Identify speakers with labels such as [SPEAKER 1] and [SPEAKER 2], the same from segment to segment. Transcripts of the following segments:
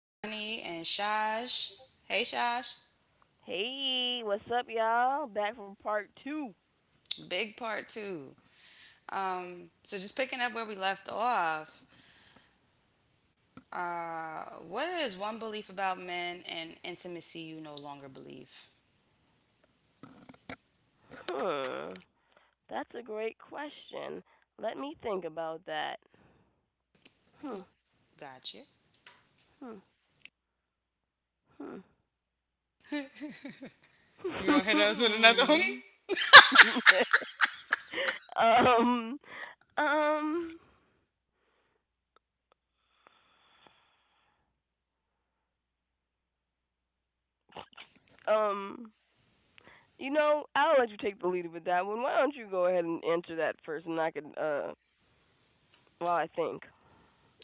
[SPEAKER 1] Ronnie and Shash. Hey, Shash.
[SPEAKER 2] Hey, what's up, y'all? Back from part two.
[SPEAKER 1] Big part two. So just picking up where we left off. Uh, what is one belief about men and intimacy you no longer believe?
[SPEAKER 2] Hmm, that's a great question. Let me think about that. Hmm,
[SPEAKER 1] Gotcha.
[SPEAKER 2] hmm, hmm.
[SPEAKER 1] You gonna hit us with another one?
[SPEAKER 2] um, um, um. You know, I'll let you take the lead with that one. Why don't you go ahead and answer that first, and I can, while I think.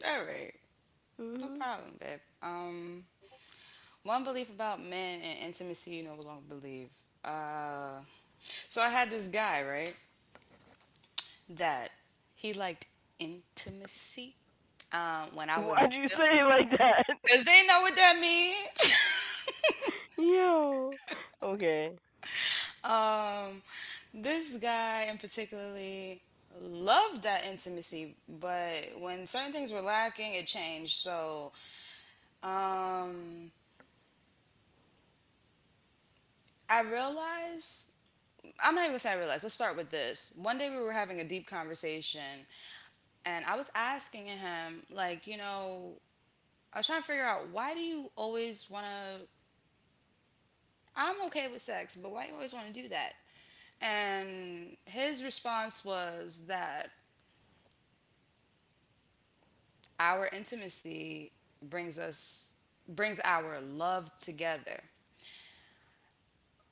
[SPEAKER 1] All right, no
[SPEAKER 2] Hmm.
[SPEAKER 1] problem, babe. One belief about men and intimacy you no longer believe. Uh, so I had this guy, right? That he liked intimacy when I
[SPEAKER 2] Why'd
[SPEAKER 1] wasn't
[SPEAKER 2] you
[SPEAKER 1] feeling,
[SPEAKER 2] say it like that?
[SPEAKER 1] because they know what that means.
[SPEAKER 2] Yo. Okay.
[SPEAKER 1] um, this guy in particularly loved that intimacy, but when certain things were lacking, it changed. So um, I realized. I'm not even gonna say I realized. Let's start with this. One day we were having a deep conversation, and I was asking him, like, you know, I was trying to figure out why do you always want to, I'm okay with sex, but why you always want to do that? And his response was that our intimacy brings us brings our love together.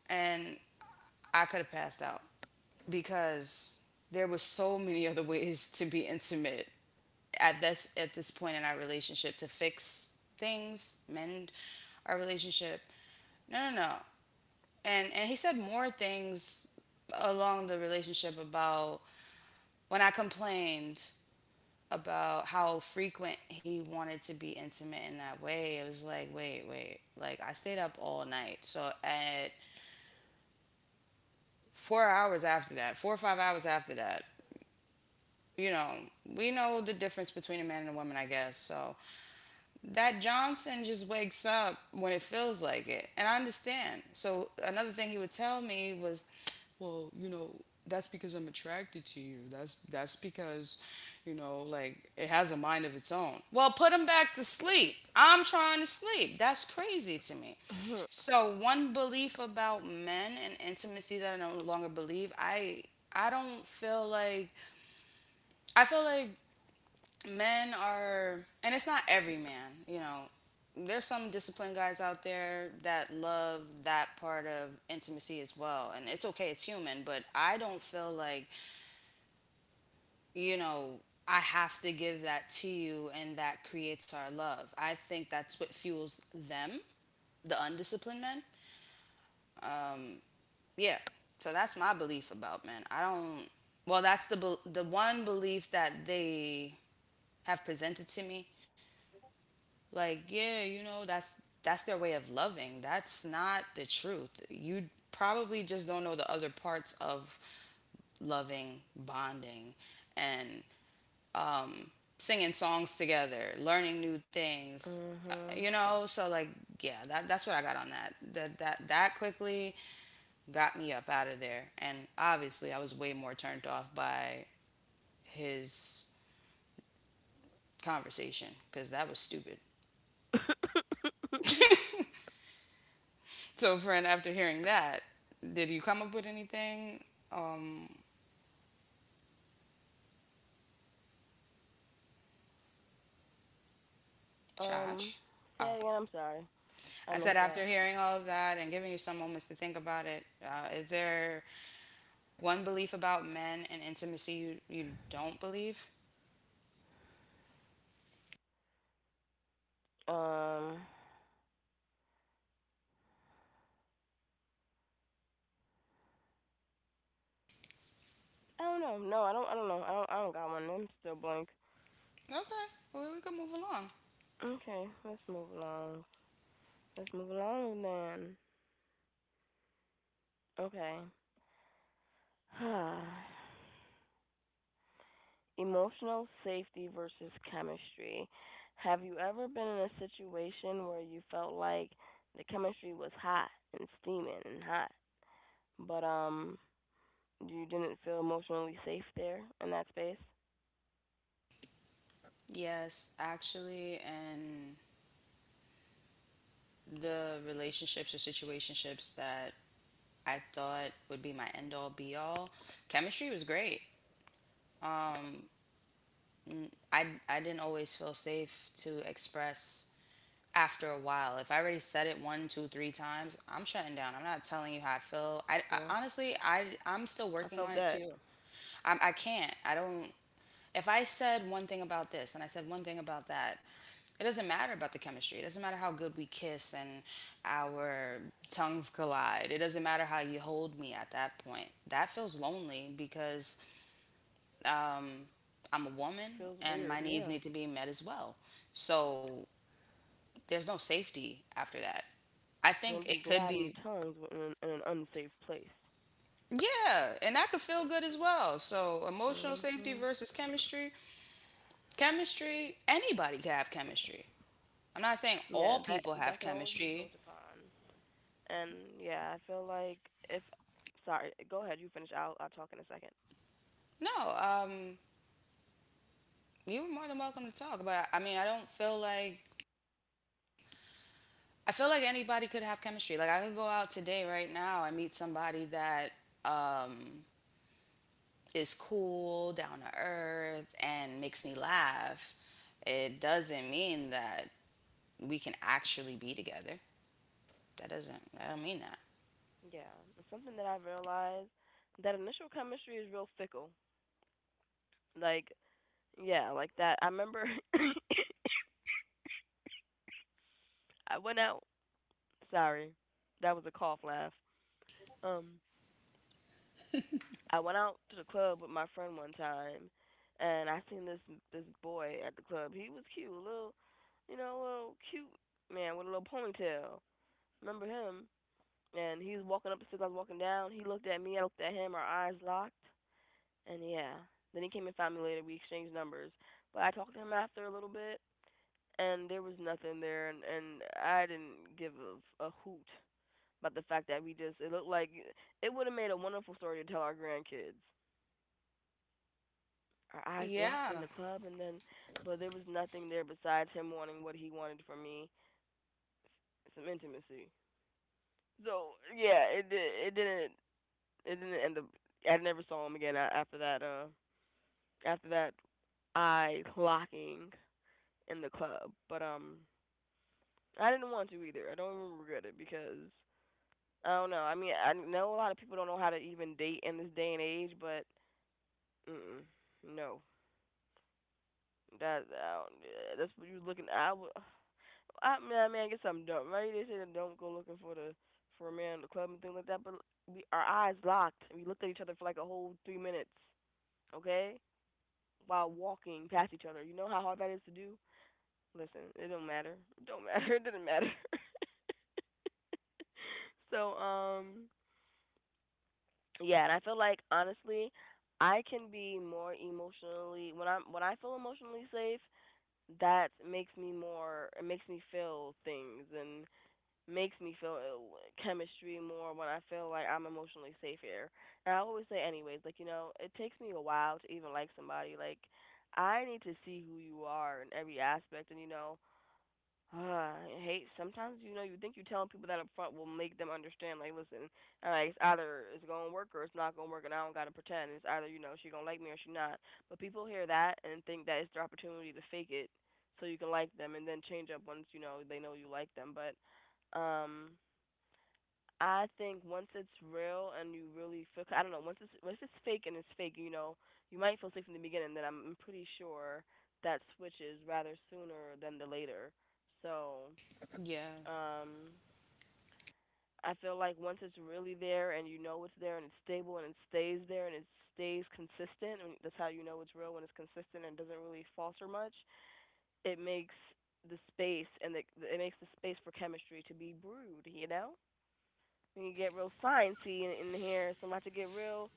[SPEAKER 1] And I could have passed out because there was so many other ways to be intimate at this point in our relationship, to fix things, mend our relationship. No, no, no. And he said more things along the relationship about when I complained about how frequent he wanted to be intimate in that way, it was like, wait. Like, I stayed up all night. So, at 4 hours after that, 4 or 5 hours after that, you know, we know the difference between a man and a woman, I guess. So, that Johnson just wakes up when it feels like it. And I understand. So another thing he would tell me was, well, you know, that's because I'm attracted to you. That's because, you know, like it has a mind of its own. Well, put him back to sleep. I'm trying to sleep. That's crazy to me.
[SPEAKER 2] Uh huh.
[SPEAKER 1] So one belief about men and intimacy that I no longer believe, I don't feel like, I feel like men are, and it's not every man, you know, there's some disciplined guys out there that love that part of intimacy as well, and it's okay, it's human, but I don't feel like, you know I have to give that to you and that creates our love. I think that's what fuels them, the undisciplined men. Yeah, so that's my belief about men. I don't well, that's the one belief that they have presented to me. Like, yeah, you know, that's their way of loving. That's not the truth. You probably just don't know the other parts of loving, bonding, and singing songs together, learning new things.
[SPEAKER 2] Uh-huh.
[SPEAKER 1] You know, so like, yeah, that's what I got on that. That quickly got me up out of there, and obviously I was way more turned off by his conversation because that was stupid. So, friend, after hearing that, did you come up with anything,
[SPEAKER 2] Um,
[SPEAKER 1] Josh?
[SPEAKER 2] say
[SPEAKER 1] Oh,
[SPEAKER 2] it again. I'm sorry. I
[SPEAKER 1] I said
[SPEAKER 2] missed that.
[SPEAKER 1] after hearing all of that and giving you some moments to think about it, is there one belief about men and intimacy you don't believe?
[SPEAKER 2] Um, I don't know. No, I don't know. I don't got one. I'm still blank.
[SPEAKER 1] Okay, well, we can move along.
[SPEAKER 2] Okay, let's move along. Let's move along then. Okay. Emotional safety versus chemistry. Have you ever been in a situation where you felt like the chemistry was hot and steaming and hot, but you didn't feel emotionally safe there in that space?
[SPEAKER 1] Yes, actually, and the relationships or situationships that I thought would be my end all be all, chemistry was great. Um, I didn't always feel safe to express after a while. If I already said it one, two, three times, I'm shutting down. I'm not telling you how I feel. I,
[SPEAKER 2] Yeah,
[SPEAKER 1] I honestly, I'm still
[SPEAKER 2] I
[SPEAKER 1] working
[SPEAKER 2] felt
[SPEAKER 1] on it
[SPEAKER 2] that.
[SPEAKER 1] too. I can't. I don't. If I said one thing about this and I said one thing about that, it doesn't matter about the chemistry. It doesn't matter how good we kiss and our tongues collide. It doesn't matter how you hold me at that point. That feels lonely because I'm a woman
[SPEAKER 2] Feels
[SPEAKER 1] and
[SPEAKER 2] weird,
[SPEAKER 1] my needs
[SPEAKER 2] yeah.
[SPEAKER 1] need to be met as well. So there's no safety after that. I
[SPEAKER 2] Gonna
[SPEAKER 1] think
[SPEAKER 2] be
[SPEAKER 1] it could
[SPEAKER 2] gliding
[SPEAKER 1] be,
[SPEAKER 2] tongues in an unsafe place.
[SPEAKER 1] yeah, and that could feel good as well. So, emotional safety
[SPEAKER 2] Mhm.
[SPEAKER 1] versus chemistry. Chemistry, anybody can have chemistry. I'm not saying
[SPEAKER 2] Yeah,
[SPEAKER 1] all
[SPEAKER 2] that
[SPEAKER 1] people
[SPEAKER 2] that
[SPEAKER 1] have
[SPEAKER 2] can always be
[SPEAKER 1] chemistry.
[SPEAKER 2] built upon. And yeah, I feel like if sorry, go ahead, you finish. I'll talk in a second.
[SPEAKER 1] No, you were more than welcome to talk, but I mean, I don't feel like, I feel like anybody could have chemistry. Like, I could go out today, right now, I meet somebody that, um, is cool, down to earth, and makes me laugh. It doesn't mean that we can actually be together. That doesn't, I don't mean that.
[SPEAKER 2] Yeah, it's something that I realized that initial chemistry is real fickle. Like yeah, like that. I remember I went out. Sorry, that was a cough laugh. Um, I went out to the club with my friend one time, and I seen this boy at the club. He was cute, a little, you know, a little cute man with a little ponytail. Remember him? And he was walking up the stairs. I was walking down. He looked at me. I looked at him. Our eyes locked. And yeah, then he came and found me later. We exchanged numbers. But I talked to him after a little bit, and there was nothing there, and I didn't give a hoot about the fact that we just it looked like it would have made a wonderful story to tell our grandkids. Our eyes locked in
[SPEAKER 1] Yeah,
[SPEAKER 2] the club, and then but there was nothing there besides him wanting what he wanted from me, some intimacy. So yeah, it did it didn't, it didn't end up. I never saw him again after that, after that eye locking in the club. But I didn't want to either. I don't even regret it, because I don't know. I mean, I know a lot of people don't know how to even date in this day and age, but mm, no, that I that's what you looking, I mean, I mean, I guess I'm dumb, right? They say that don't go looking for a man in the club and things like that. But we our eyes locked. And We looked at each other for like a whole 3 minutes, okay? While walking past each other. You know how hard that is to do. Listen, it don't matter. It don't matter. It did not matter. So yeah, and I feel like honestly, I can be more emotionally when I feel emotionally safe. That makes me more. It makes me feel things and makes me feel ill, chemistry more when I feel like I'm emotionally safe here. And I always say, anyways, like, you know, it takes me a while to even like somebody. Like, I need to see who you are in every aspect. And, you know, uh, hey, sometimes you know you think you telling people that up front will make them understand. Like, listen, it's either it's gonna work or it's not gonna work, and I don't gotta pretend. It's either you know she gonna like me or she not. But people hear that and think that it's their opportunity to fake it so you can like them and then change up once you know they know you like them. But um, I think once it's real and you really feel, I don't know, once it's if it's fake and it's fake, you know, you might feel safe from the beginning. Then I'm pretty sure that switches rather sooner than the later. So
[SPEAKER 1] yeah,
[SPEAKER 2] um, I feel like once it's really there and you know it's there and it's stable and it stays there and it stays consistent, and that's how you know it's real when it's consistent and doesn't really falter much. It makes the space and the, it makes the space for chemistry to be brewed. You know, when you get real sciencey in here, it's about to get real.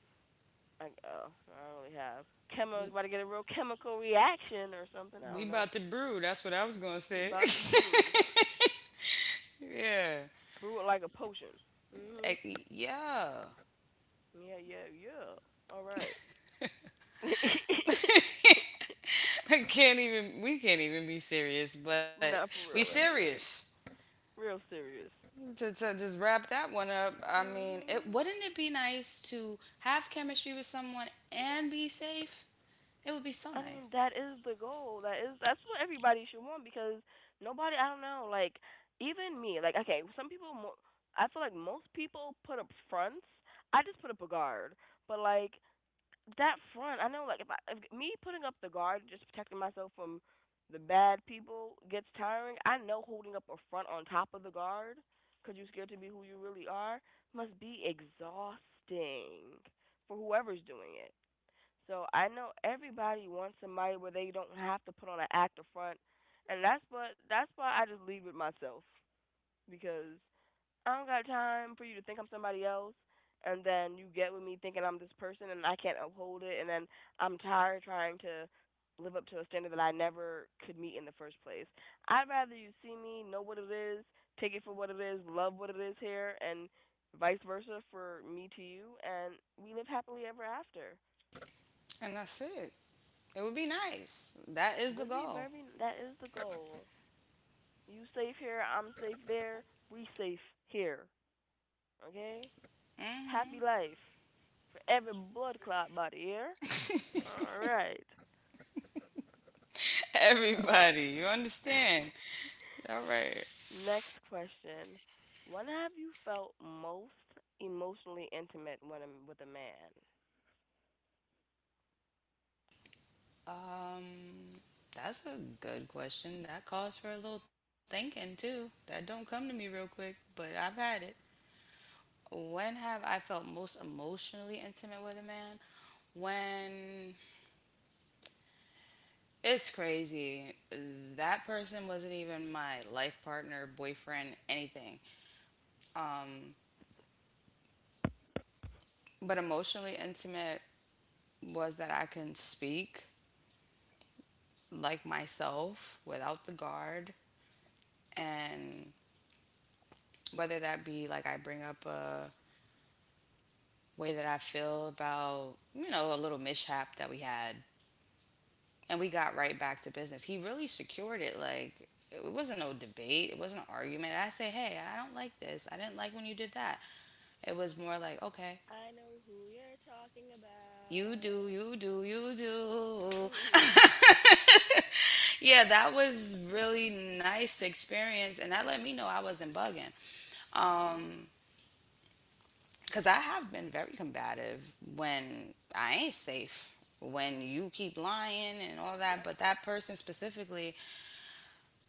[SPEAKER 2] I oh, I don't really have chemo's about to get a real chemical reaction or something. I
[SPEAKER 1] we
[SPEAKER 2] don't know.
[SPEAKER 1] about to brew. That's what I was gonna
[SPEAKER 2] We
[SPEAKER 1] say.
[SPEAKER 2] about to brew,
[SPEAKER 1] Yeah.
[SPEAKER 2] brew it like a potion. Mhm.
[SPEAKER 1] Like, yeah.
[SPEAKER 2] Yeah, yeah, yeah. All right.
[SPEAKER 1] I can't even. We can't even be serious, but
[SPEAKER 2] Not
[SPEAKER 1] we
[SPEAKER 2] for real,
[SPEAKER 1] serious.
[SPEAKER 2] anyways. Real serious.
[SPEAKER 1] To just wrap that one up, I mean, it
[SPEAKER 2] Mhm.
[SPEAKER 1] wouldn't it be nice to have chemistry with someone and be safe? It would be so
[SPEAKER 2] I
[SPEAKER 1] nice.
[SPEAKER 2] mean, that is the goal. That is that's what everybody should want because nobody, I don't know, like even me, like okay, some people mo I feel like most people put up fronts. I just put up a guard. But like that front, I know, like if me putting up the guard, just protecting myself from the bad people gets tiring. I know holding up a front on top of the guard, you're scared to be who you really are, must be exhausting for whoever's doing it. So I know everybody wants somebody where they don't have to put on an act of front, and that's why I just lead with myself because I don't got time for you to think I'm somebody else, and then you get with me thinking I'm this person and I can't uphold it, and then I'm tired trying to live up to a standard that I never could meet in the first place. I'd rather you see me, know what it is, take it for what it is, love what it is here, and vice versa for me to you, and we live happily ever after.
[SPEAKER 1] And that's it. It would be nice. That is the
[SPEAKER 2] Would be
[SPEAKER 1] goal.
[SPEAKER 2] very, that is the goal. You safe here, I'm safe there, we safe here, okay? Happy
[SPEAKER 1] Hmm.
[SPEAKER 2] life for every blood clot body here. All right. So,
[SPEAKER 1] Everybody, you understand? All right.
[SPEAKER 2] next question. When have you felt most emotionally intimate with a man?
[SPEAKER 1] Um, that's a good question. That calls for a little thinking too. That don't come to me real quick, but I've had it. When have I felt most emotionally intimate with a man? When, it's crazy. That person wasn't even my life partner, boyfriend, anything. Um, but emotionally intimate was that I can speak like myself without the guard, and whether that be like I bring up a way that I feel about, you know, a little mishap that we had, and we got right back to business. He really secured it. Like, it wasn't no debate, it wasn't an argument. I say, hey, I don't like this. I didn't like when you did that. It was more like, okay,
[SPEAKER 2] I'm talking about
[SPEAKER 1] you do.
[SPEAKER 2] mm,
[SPEAKER 1] Yeah, that was really nice to experience, and that let me know I wasn't bugging. Um, Because I have been very combative when I ain't safe, when you keep lying and all that. But that person specifically,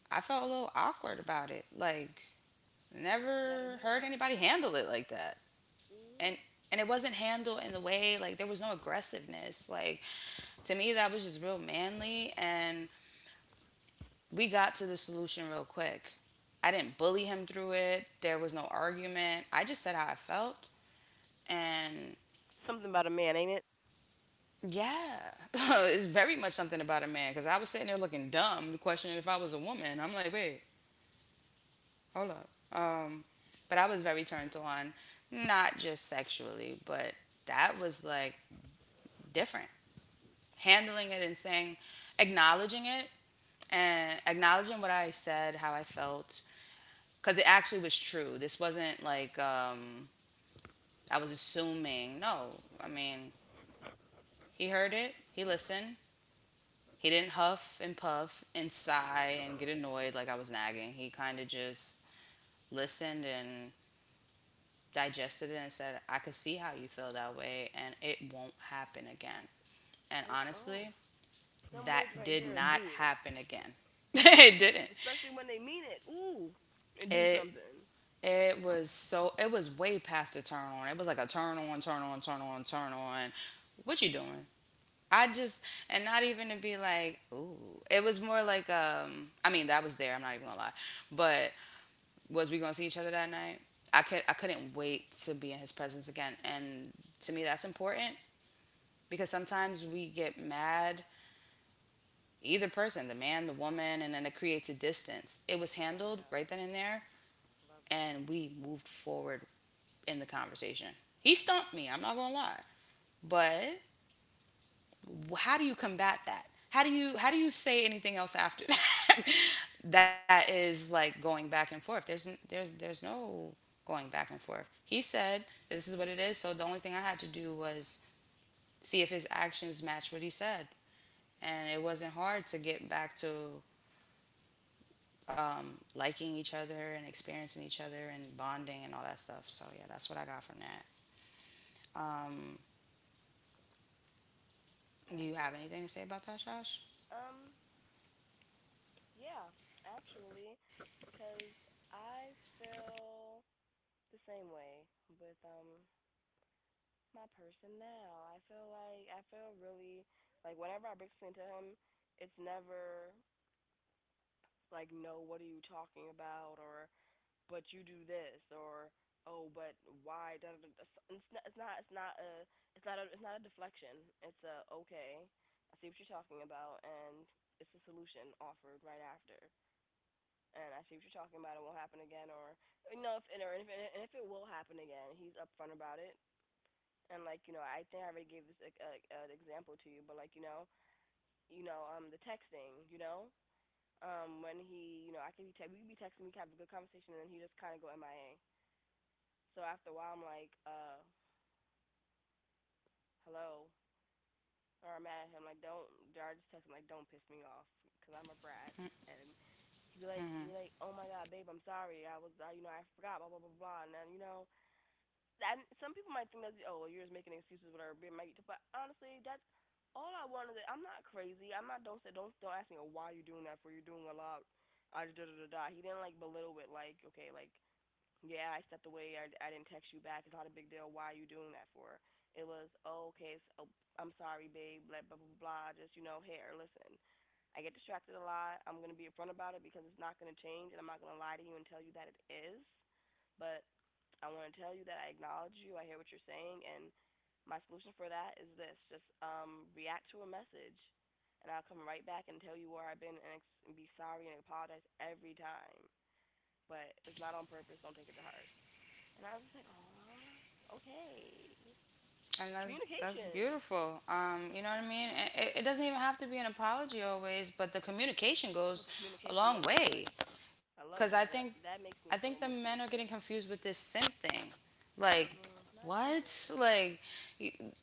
[SPEAKER 1] I felt a little awkward about it. Like,
[SPEAKER 2] that
[SPEAKER 1] never heard
[SPEAKER 2] would
[SPEAKER 1] anybody handle it like that.
[SPEAKER 2] mm,
[SPEAKER 1] And and it wasn't handled in the way like there was no aggressiveness. Like, to me that was just real manly, and we got to the solution real quick. I didn't bully him through it. There was no argument. I just said how I felt, and
[SPEAKER 2] something about a man, ain't it?
[SPEAKER 1] yeah, it's very much something about a man because I was sitting there looking dumb, questioning if I was a woman. I'm like, wait, hold up. But I was very turned on, not just sexually, but that was like different. Handling it and saying, acknowledging it and acknowledging what I said, how I felt, because it actually was true. This wasn't like I was assuming. No, I mean, he heard it, he listened. He didn't huff and puff and sigh and get annoyed like I was nagging. He kind of just listened and digested it and said, I could see how you feel that way, and it won't happen again. And
[SPEAKER 2] Don't you? Oh,
[SPEAKER 1] honestly,
[SPEAKER 2] them
[SPEAKER 1] that
[SPEAKER 2] words right
[SPEAKER 1] did
[SPEAKER 2] there will
[SPEAKER 1] not
[SPEAKER 2] do it,
[SPEAKER 1] happen again. It didn't.
[SPEAKER 2] especially when they mean it. Ooh, and do
[SPEAKER 1] It
[SPEAKER 2] something.
[SPEAKER 1] it was so, it was way past a turn on. It was like a turn on, turn on, turn on, turn on. What you doing? I just, and not even to be like, ooh. It was more like, I mean, that was there, I'm not even gonna lie. But was we going to see each other that night? I could I couldn't wait to be in his presence again, and to me that's important because sometimes we get mad, either person, the man, the woman, and then it creates a distance. It was handled
[SPEAKER 2] Yeah,
[SPEAKER 1] right then and there,
[SPEAKER 2] love that.
[SPEAKER 1] and we moved forward in the conversation. He stumped me. I'm not gonna lie, but well, how do you combat that? How do you say anything else after that? That is like going back and forth. There's no going back and forth. He said this is what it is. So the only thing I had to do was see if his actions matched what he said, and it wasn't hard to get back to liking each other and experiencing each other and bonding and all that stuff. So yeah, that's what I got from that. Um,
[SPEAKER 2] I
[SPEAKER 1] do you
[SPEAKER 2] hear
[SPEAKER 1] have
[SPEAKER 2] that.
[SPEAKER 1] anything to say about that, Josh?
[SPEAKER 2] Um, Yeah, actually, 'cause I feel the same way with my person now. I feel like I feel really like whenever I break something to him, it's never like no, what are you talking about or but you do this or oh but why da, da, da. It's not it's not it's not a it's not a It's not a deflection. It's a okay. I see what you're talking about and it's a solution offered right after. And I see what you're talking about. It won't happen again, or you know, if, and if it will happen again, he's upfront about it. And like you know, I think I already gave this a an example to you, but like you know, the texting, you know, when he, you know, I could be we could be texting, we could have a good conversation, and then he just kind of go MIA. So after a while, I'm like, hello, or I'm mad at him, like don't, I just text him like don't piss me off, cause I'm a brat, and
[SPEAKER 1] Hmm.
[SPEAKER 2] he like, oh my god, babe, I'm sorry, I was, you know, I forgot, blah blah blah blah, and then you know that some people might think that oh well, you're just making excuses whatever it might, but honestly that's all I wanted. I'm not crazy, I'm not, don't say don't ask me why you're doing that for, you're doing a lot, I da da da da. He didn't like belittle it like okay, like yeah, I stepped away. I didn't text you back. It's not a big deal. Why are you doing that for? It was, oh, okay, so, oh, I'm sorry, babe, blah, blah, blah, blah, just, you know, here, listen. I get distracted a lot. I'm going to be upfront about it because it's not going to change, and I'm not going to lie to you and tell you that it is. But I want to tell you that I acknowledge you. I hear what you're saying, and my solution for that is this: just react to a message, and I'll come right back and tell you where I've been and, and be sorry and apologize every time. But it's not on purpose. Don't take it to heart. And I was just like, "Aw, okay."
[SPEAKER 1] And that's
[SPEAKER 2] Communication.
[SPEAKER 1] beautiful. You know what I mean? It doesn't even have to be an apology always, but the communication
[SPEAKER 2] But
[SPEAKER 1] goes
[SPEAKER 2] the
[SPEAKER 1] a
[SPEAKER 2] communication
[SPEAKER 1] long
[SPEAKER 2] is it
[SPEAKER 1] way.
[SPEAKER 2] like
[SPEAKER 1] Cause
[SPEAKER 2] I
[SPEAKER 1] I
[SPEAKER 2] love
[SPEAKER 1] think,
[SPEAKER 2] that. That that
[SPEAKER 1] I
[SPEAKER 2] makes
[SPEAKER 1] think
[SPEAKER 2] me
[SPEAKER 1] the
[SPEAKER 2] feel
[SPEAKER 1] men are getting
[SPEAKER 2] emotionally safe.
[SPEAKER 1] confused with this simp thing. Like,
[SPEAKER 2] Mhm. It's not
[SPEAKER 1] what?
[SPEAKER 2] simping.
[SPEAKER 1] Like, you,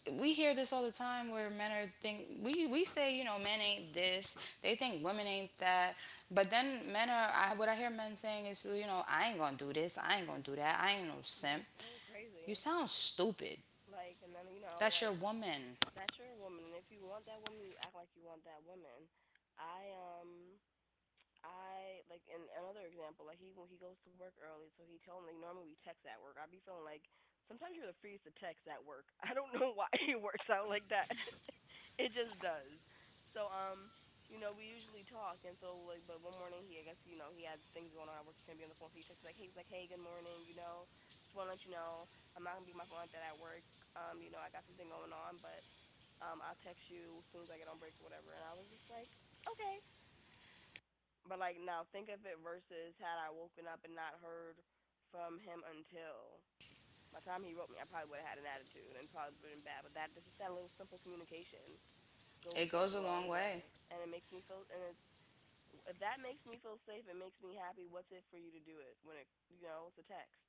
[SPEAKER 1] we hear this all the time where men are think we say, you know, men ain't this. They think women ain't that. But then men are, I, what I hear men saying is, you know, I ain't gonna do this. I ain't gonna do that. I ain't no simp.
[SPEAKER 2] That's so
[SPEAKER 1] You
[SPEAKER 2] crazy.
[SPEAKER 1] sound stupid.
[SPEAKER 2] Like, and then
[SPEAKER 1] That's your
[SPEAKER 2] like,
[SPEAKER 1] woman.
[SPEAKER 2] that's your woman, and if you want that woman, you act like you want that woman. I um I like in another example, like he when he goes to work early, so he told me, like, normally we text at work. I'd be feeling like sometimes you're the freest to text at work. I don't know why it works out like that. It just does. So, we usually talk, and so like, but one morning, I guess, he had things going on at work. He couldn't be on the phone, so he texted like, hey, he's like, hey, good morning, just want to let you know I'm not gonna be on my phone like that at work. I got something going on, but I'll text you as soon as I get on break or whatever. And I was just like, okay. But like now, think of it versus had I woken up and not heard from him until, by the time he wrote me, I probably would have had an attitude and probably would have been bad. But that, just that little simple communication goes
[SPEAKER 1] It
[SPEAKER 2] such
[SPEAKER 1] goes
[SPEAKER 2] a
[SPEAKER 1] a
[SPEAKER 2] long
[SPEAKER 1] long way.
[SPEAKER 2] way, and it makes me feel, and it's, if that makes me feel safe, it makes me happy. What's it for you to do it when it you know it's a text?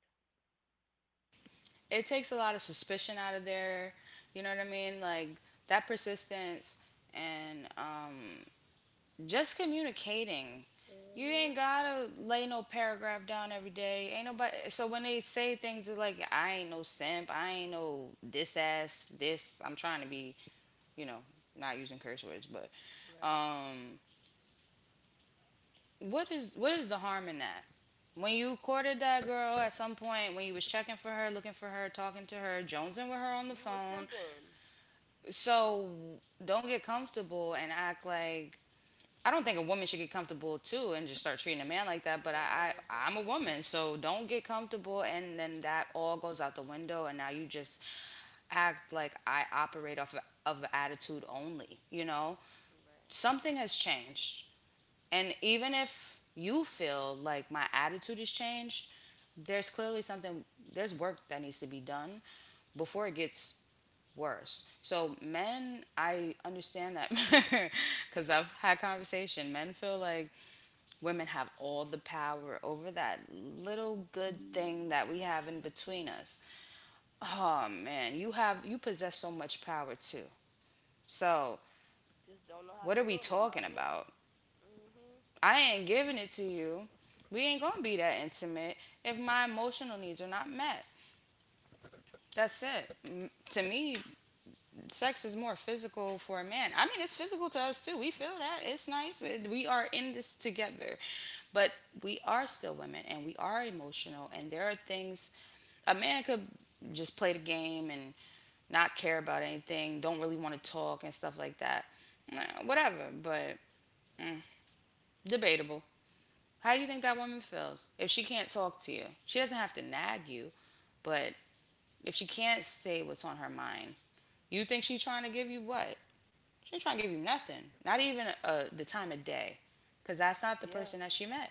[SPEAKER 1] It takes a lot of suspicion out of there. You know what I mean? Like that persistence and just communicating. You
[SPEAKER 2] Mhm.
[SPEAKER 1] ain't gotta lay no paragraph down every day. Ain't nobody. So when they say things they're like, "I ain't no simp. I ain't no this ass this," I'm trying to be, you know, not using curse words, but
[SPEAKER 2] Right.
[SPEAKER 1] um, what is the harm in that? When you courted that girl at some point, when you was checking for her, looking for her, talking to her, jonesing with her on the
[SPEAKER 2] You were
[SPEAKER 1] phone.
[SPEAKER 2] simping.
[SPEAKER 1] So don't get comfortable and act like I don't think a woman should get comfortable too and just start treating a man like that.
[SPEAKER 2] It
[SPEAKER 1] But
[SPEAKER 2] definitely
[SPEAKER 1] I,
[SPEAKER 2] goes both
[SPEAKER 1] I I'm a
[SPEAKER 2] ways.
[SPEAKER 1] woman, so don't get comfortable and then that all goes out the window and now you just act like I operate off of attitude only. You know,
[SPEAKER 2] Right.
[SPEAKER 1] something has changed, and even if you feel like my attitude has changed, there's clearly something, there's work that needs to be done before it gets worse. So men, I understand that, because I've had conversation. Men feel like women have all the power over that little good thing that we have in between us. Oh man, you have you possess so much power too. So
[SPEAKER 2] Just don't know how to
[SPEAKER 1] what are we
[SPEAKER 2] wield it, my
[SPEAKER 1] talking
[SPEAKER 2] boy.
[SPEAKER 1] about?
[SPEAKER 2] Mhm.
[SPEAKER 1] I ain't giving it to you. We ain't gonna be that intimate if my emotional needs are not met. That's it. To me, sex is more physical for a man. I mean, it's physical to us too. We feel that. It's nice. It- We are in this together. But we are still women and we are emotional. And there are things a man could just play the game and not care about anything, don't really want to talk and stuff like that. Nah, whatever. But mm, debatable. How do you think that woman feels if she can't talk to you? She doesn't have to nag you, but if she can't say what's on her mind, you think she's trying to give you what? She ain't trying to give you nothing. Not even the time of day. Because that's not the
[SPEAKER 2] Yeah.
[SPEAKER 1] person that she met.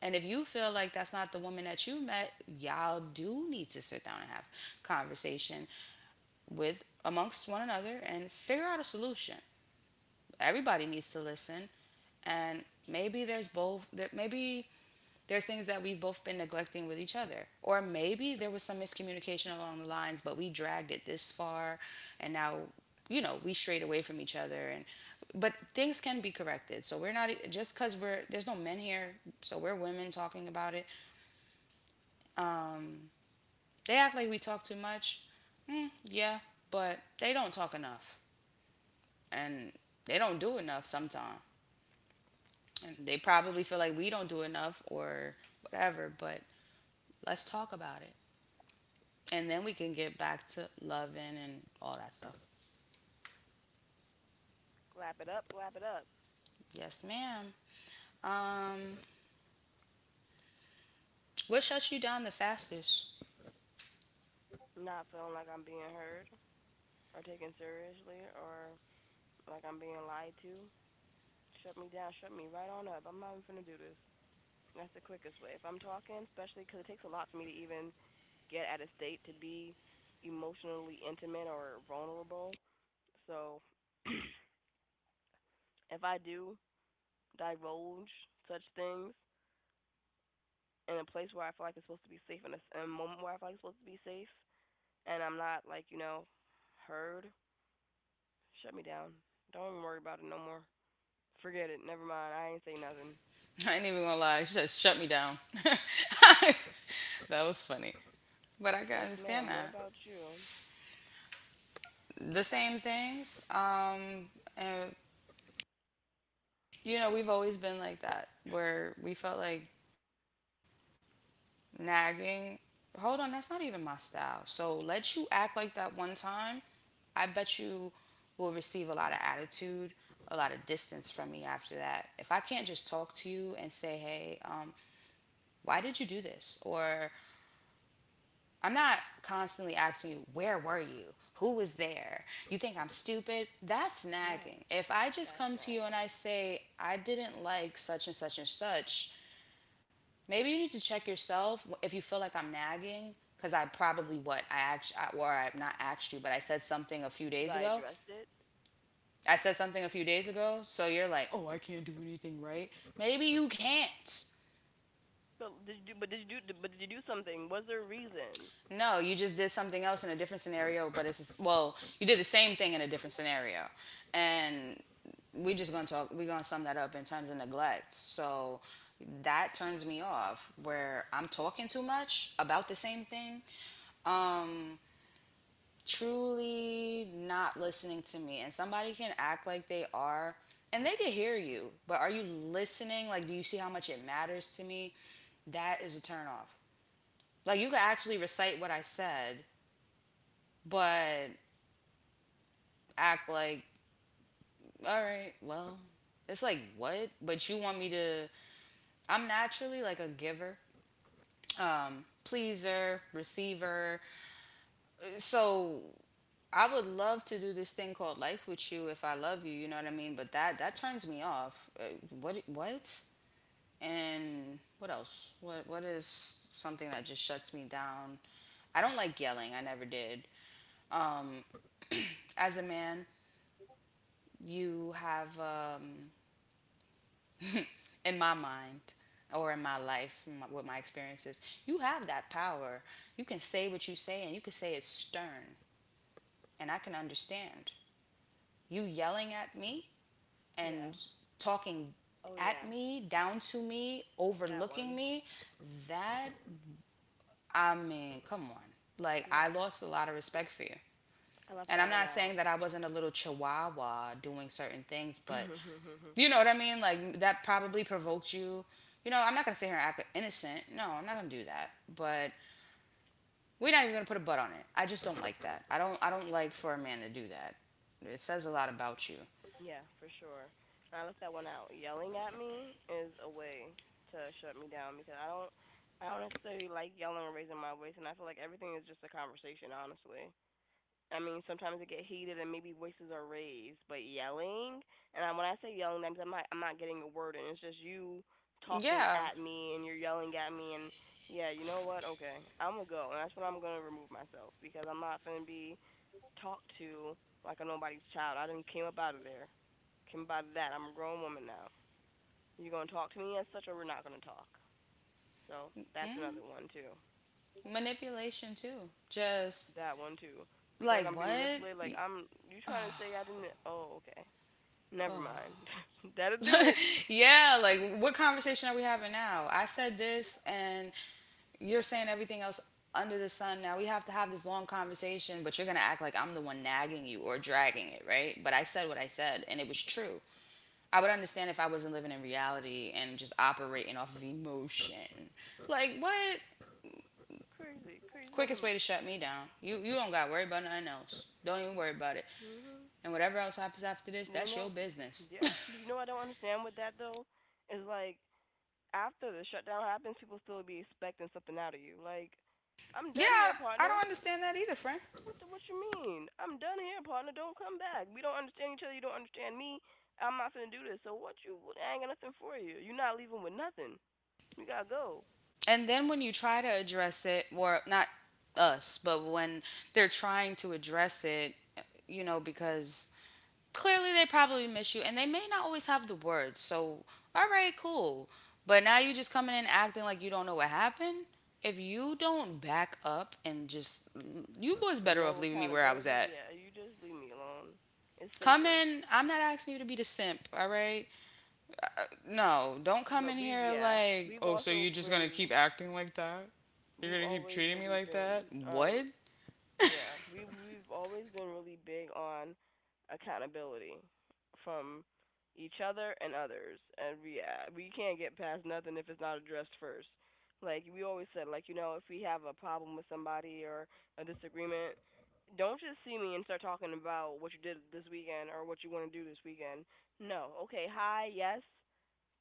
[SPEAKER 1] And if you feel like that's not the woman that you met, y'all do need to sit down and have conversation with amongst one another and figure out a solution. Everybody needs to listen, and maybe there's things that we've both been neglecting with each other. Or maybe there was some miscommunication along the lines, but we dragged it this far and now, you know, we strayed away from each other and but things can be corrected. So we're not just cuz we're there's no men here, so we're women talking about it. Um they act like we talk too much. Mm, yeah, but they don't talk enough and they don't do enough sometimes. And they probably feel like we don't do enough or whatever, but let's talk about it, and then we can get back to loving and all that stuff.
[SPEAKER 2] Clap it up. Clap it up.
[SPEAKER 1] Yes, ma'am. Um, what shuts you down the fastest?
[SPEAKER 2] Not feeling like I'm being heard or taken seriously or like I'm being lied to. Shut me down, shut me right on up. I'm not even gonna do this. That's the quickest way. If I'm talking, especially because it takes a lot for me to even get at a state to be emotionally intimate or vulnerable. So if I do divulge such things in a place where I feel like it's supposed to be safe, in a moment where I feel like it's supposed to be safe, and I'm not, like, heard, shut me down. Don't even worry about it no more. Forget it. Never mind. I ain't say nothing.
[SPEAKER 1] I ain't even gonna lie, it just shut me down. That was funny, but I can
[SPEAKER 2] Yes,
[SPEAKER 1] understand
[SPEAKER 2] ma'am. What
[SPEAKER 1] that.
[SPEAKER 2] about you?
[SPEAKER 1] The same things. And you know, we've always been like that, where we felt like nagging. Hold on, that's not even my style. So let you act like that one time. I bet you will receive a lot of attitude, a lot of distance from me after that. If I can't just talk to you and say, hey, why did you do this? Or I'm not constantly asking you, where were you? Who was there? You think I'm stupid? That's
[SPEAKER 2] Yeah,
[SPEAKER 1] nagging. If I just
[SPEAKER 2] that's
[SPEAKER 1] come to you and
[SPEAKER 2] nagging.
[SPEAKER 1] I say, I didn't like such and such and such, maybe you need to check yourself if you feel like I'm nagging because I probably what I asked or I've not asked you, but
[SPEAKER 2] 'Cause I addressed it.
[SPEAKER 1] I said something a few days ago, so you're like, oh, I can't do anything right. Maybe you can't.
[SPEAKER 2] But did you do something? Was there a reason?
[SPEAKER 1] No, you just did something else in a different scenario, but it's just, well, you did the same thing in a different scenario, and we just gonna talk. We gonna sum that up in terms of neglect. So that turns me off where I'm talking too much about the same thing. Um, truly not listening to me. And somebody can act like they are and they can hear you, but are you listening? Like, do you see how much it matters to me? That is a turn off. Like, you can actually recite what I said, but act like, all right, well, it's like what? But you want me to? I'm naturally like a giver, pleaser, receiver. So I would love to do this thing called life with you if I love you, you know what I mean? But that turns me off. What what? And what else? What is something that just shuts me down? I don't like yelling. I never did. Um as a man, you have in my mind or in my life, in my, with my experiences, you have that power. You can say what you say and you can say it stern and I can understand. You yelling at me?
[SPEAKER 2] Yeah.
[SPEAKER 1] And talking
[SPEAKER 2] Oh
[SPEAKER 1] at
[SPEAKER 2] yeah,
[SPEAKER 1] me, down to me,
[SPEAKER 2] that
[SPEAKER 1] overlooking
[SPEAKER 2] one.
[SPEAKER 1] me, that, I mean, come on. Like, I
[SPEAKER 2] Yeah,
[SPEAKER 1] lost a lot of respect for you.
[SPEAKER 2] I left
[SPEAKER 1] And I'm
[SPEAKER 2] that one
[SPEAKER 1] not saying
[SPEAKER 2] out.
[SPEAKER 1] that I wasn't a little chihuahua doing certain things, but you know what I mean? Like, that probably provoked you. You know, I'm not gonna sit here and act innocent. No, I'm not gonna do that. But we're not even gonna put a butt on it. I just don't like that. I don't. I don't like for a man to do that. It says a lot about you.
[SPEAKER 2] Yeah, for sure. And I left that one out. Yelling at me is a way to shut me down because I don't. I don't necessarily like yelling or raising my voice, and I feel like everything is just a conversation, honestly. I mean, sometimes it get heated and maybe voices are raised, but yelling, and I, when I say yelling, that means I'm not getting a word, and it's just you talking
[SPEAKER 1] Yeah,
[SPEAKER 2] at me and you're yelling at me, and yeah, you know what? Okay, I'm gonna go, and that's when I'm gonna remove myself because I'm not gonna be talked to like a nobody's child. I didn't came up out of there, came up out of that. I'm a grown woman now. You gonna talk to me as such, or we're not gonna talk. So that's another
[SPEAKER 1] mhm.
[SPEAKER 2] one too.
[SPEAKER 1] Manipulation too. Just,
[SPEAKER 2] That one too. I feel like
[SPEAKER 1] like
[SPEAKER 2] I'm being
[SPEAKER 1] what?
[SPEAKER 2] manipulated. Like, you
[SPEAKER 1] Oh,
[SPEAKER 2] trying to say I didn't? Oh, okay. Never mind.
[SPEAKER 1] oh.
[SPEAKER 2] That'll do it.
[SPEAKER 1] Yeah, like what conversation are we having now? I said this and you're saying everything else under the sun now. We have to have this long conversation, but you're going to act like I'm the one nagging you or dragging it, right? But I said what I said and it was true. I would understand if I wasn't living in reality and just operating off of emotion. Like what?
[SPEAKER 2] Crazy, crazy than
[SPEAKER 1] Quickest
[SPEAKER 2] the.
[SPEAKER 1] way to shut me down. You don't got to worry about nothing else. Don't even worry about it.
[SPEAKER 2] Hmm.
[SPEAKER 1] And whatever else happens after this,
[SPEAKER 2] You
[SPEAKER 1] that's your
[SPEAKER 2] know,
[SPEAKER 1] business.
[SPEAKER 2] yeah. But I don't understand with that though. Is like after the shutdown happens, people still be expecting something out of you. Like, I'm
[SPEAKER 1] Yeah,
[SPEAKER 2] done here,
[SPEAKER 1] I
[SPEAKER 2] partner.
[SPEAKER 1] don't understand that either, friend.
[SPEAKER 2] What you mean? I'm done here, partner. Don't come back. We don't understand each other. You don't understand me. I'm not gonna do this. So what you? What, I ain't got nothing for you. You're not leaving with nothing. You gotta go.
[SPEAKER 1] And then when you try to address it, or not us, but when they're trying to address it, you know, because clearly they probably miss you and they may not always have the words. So, all right, cool. But now you just coming in acting like you don't know what happened. If you don't back up and just, you was better off
[SPEAKER 2] No
[SPEAKER 1] leaving me where I was
[SPEAKER 2] accountability.
[SPEAKER 1] at.
[SPEAKER 2] Yeah, you just leave me alone. It's
[SPEAKER 1] Come
[SPEAKER 2] safer.
[SPEAKER 1] in. I'm not asking you to be the simp, all right? No, don't come in
[SPEAKER 2] But we've
[SPEAKER 1] here
[SPEAKER 2] yeah,
[SPEAKER 1] like,
[SPEAKER 2] we've
[SPEAKER 1] oh, so you're
[SPEAKER 2] also
[SPEAKER 1] just gonna
[SPEAKER 2] really
[SPEAKER 1] keep acting like that? You're
[SPEAKER 2] we've
[SPEAKER 1] gonna keep
[SPEAKER 2] always
[SPEAKER 1] treating me
[SPEAKER 2] really
[SPEAKER 1] like that?
[SPEAKER 2] been
[SPEAKER 1] What?
[SPEAKER 2] yeah, we've always been really big on accountability from each other and others. And yeah, we can't get past nothing if it's not addressed first. Like we always said, like, if we have a problem with somebody or a disagreement, don't just see me and start talking about what you did this weekend or what you want to do this weekend. No. Okay, hi, yes,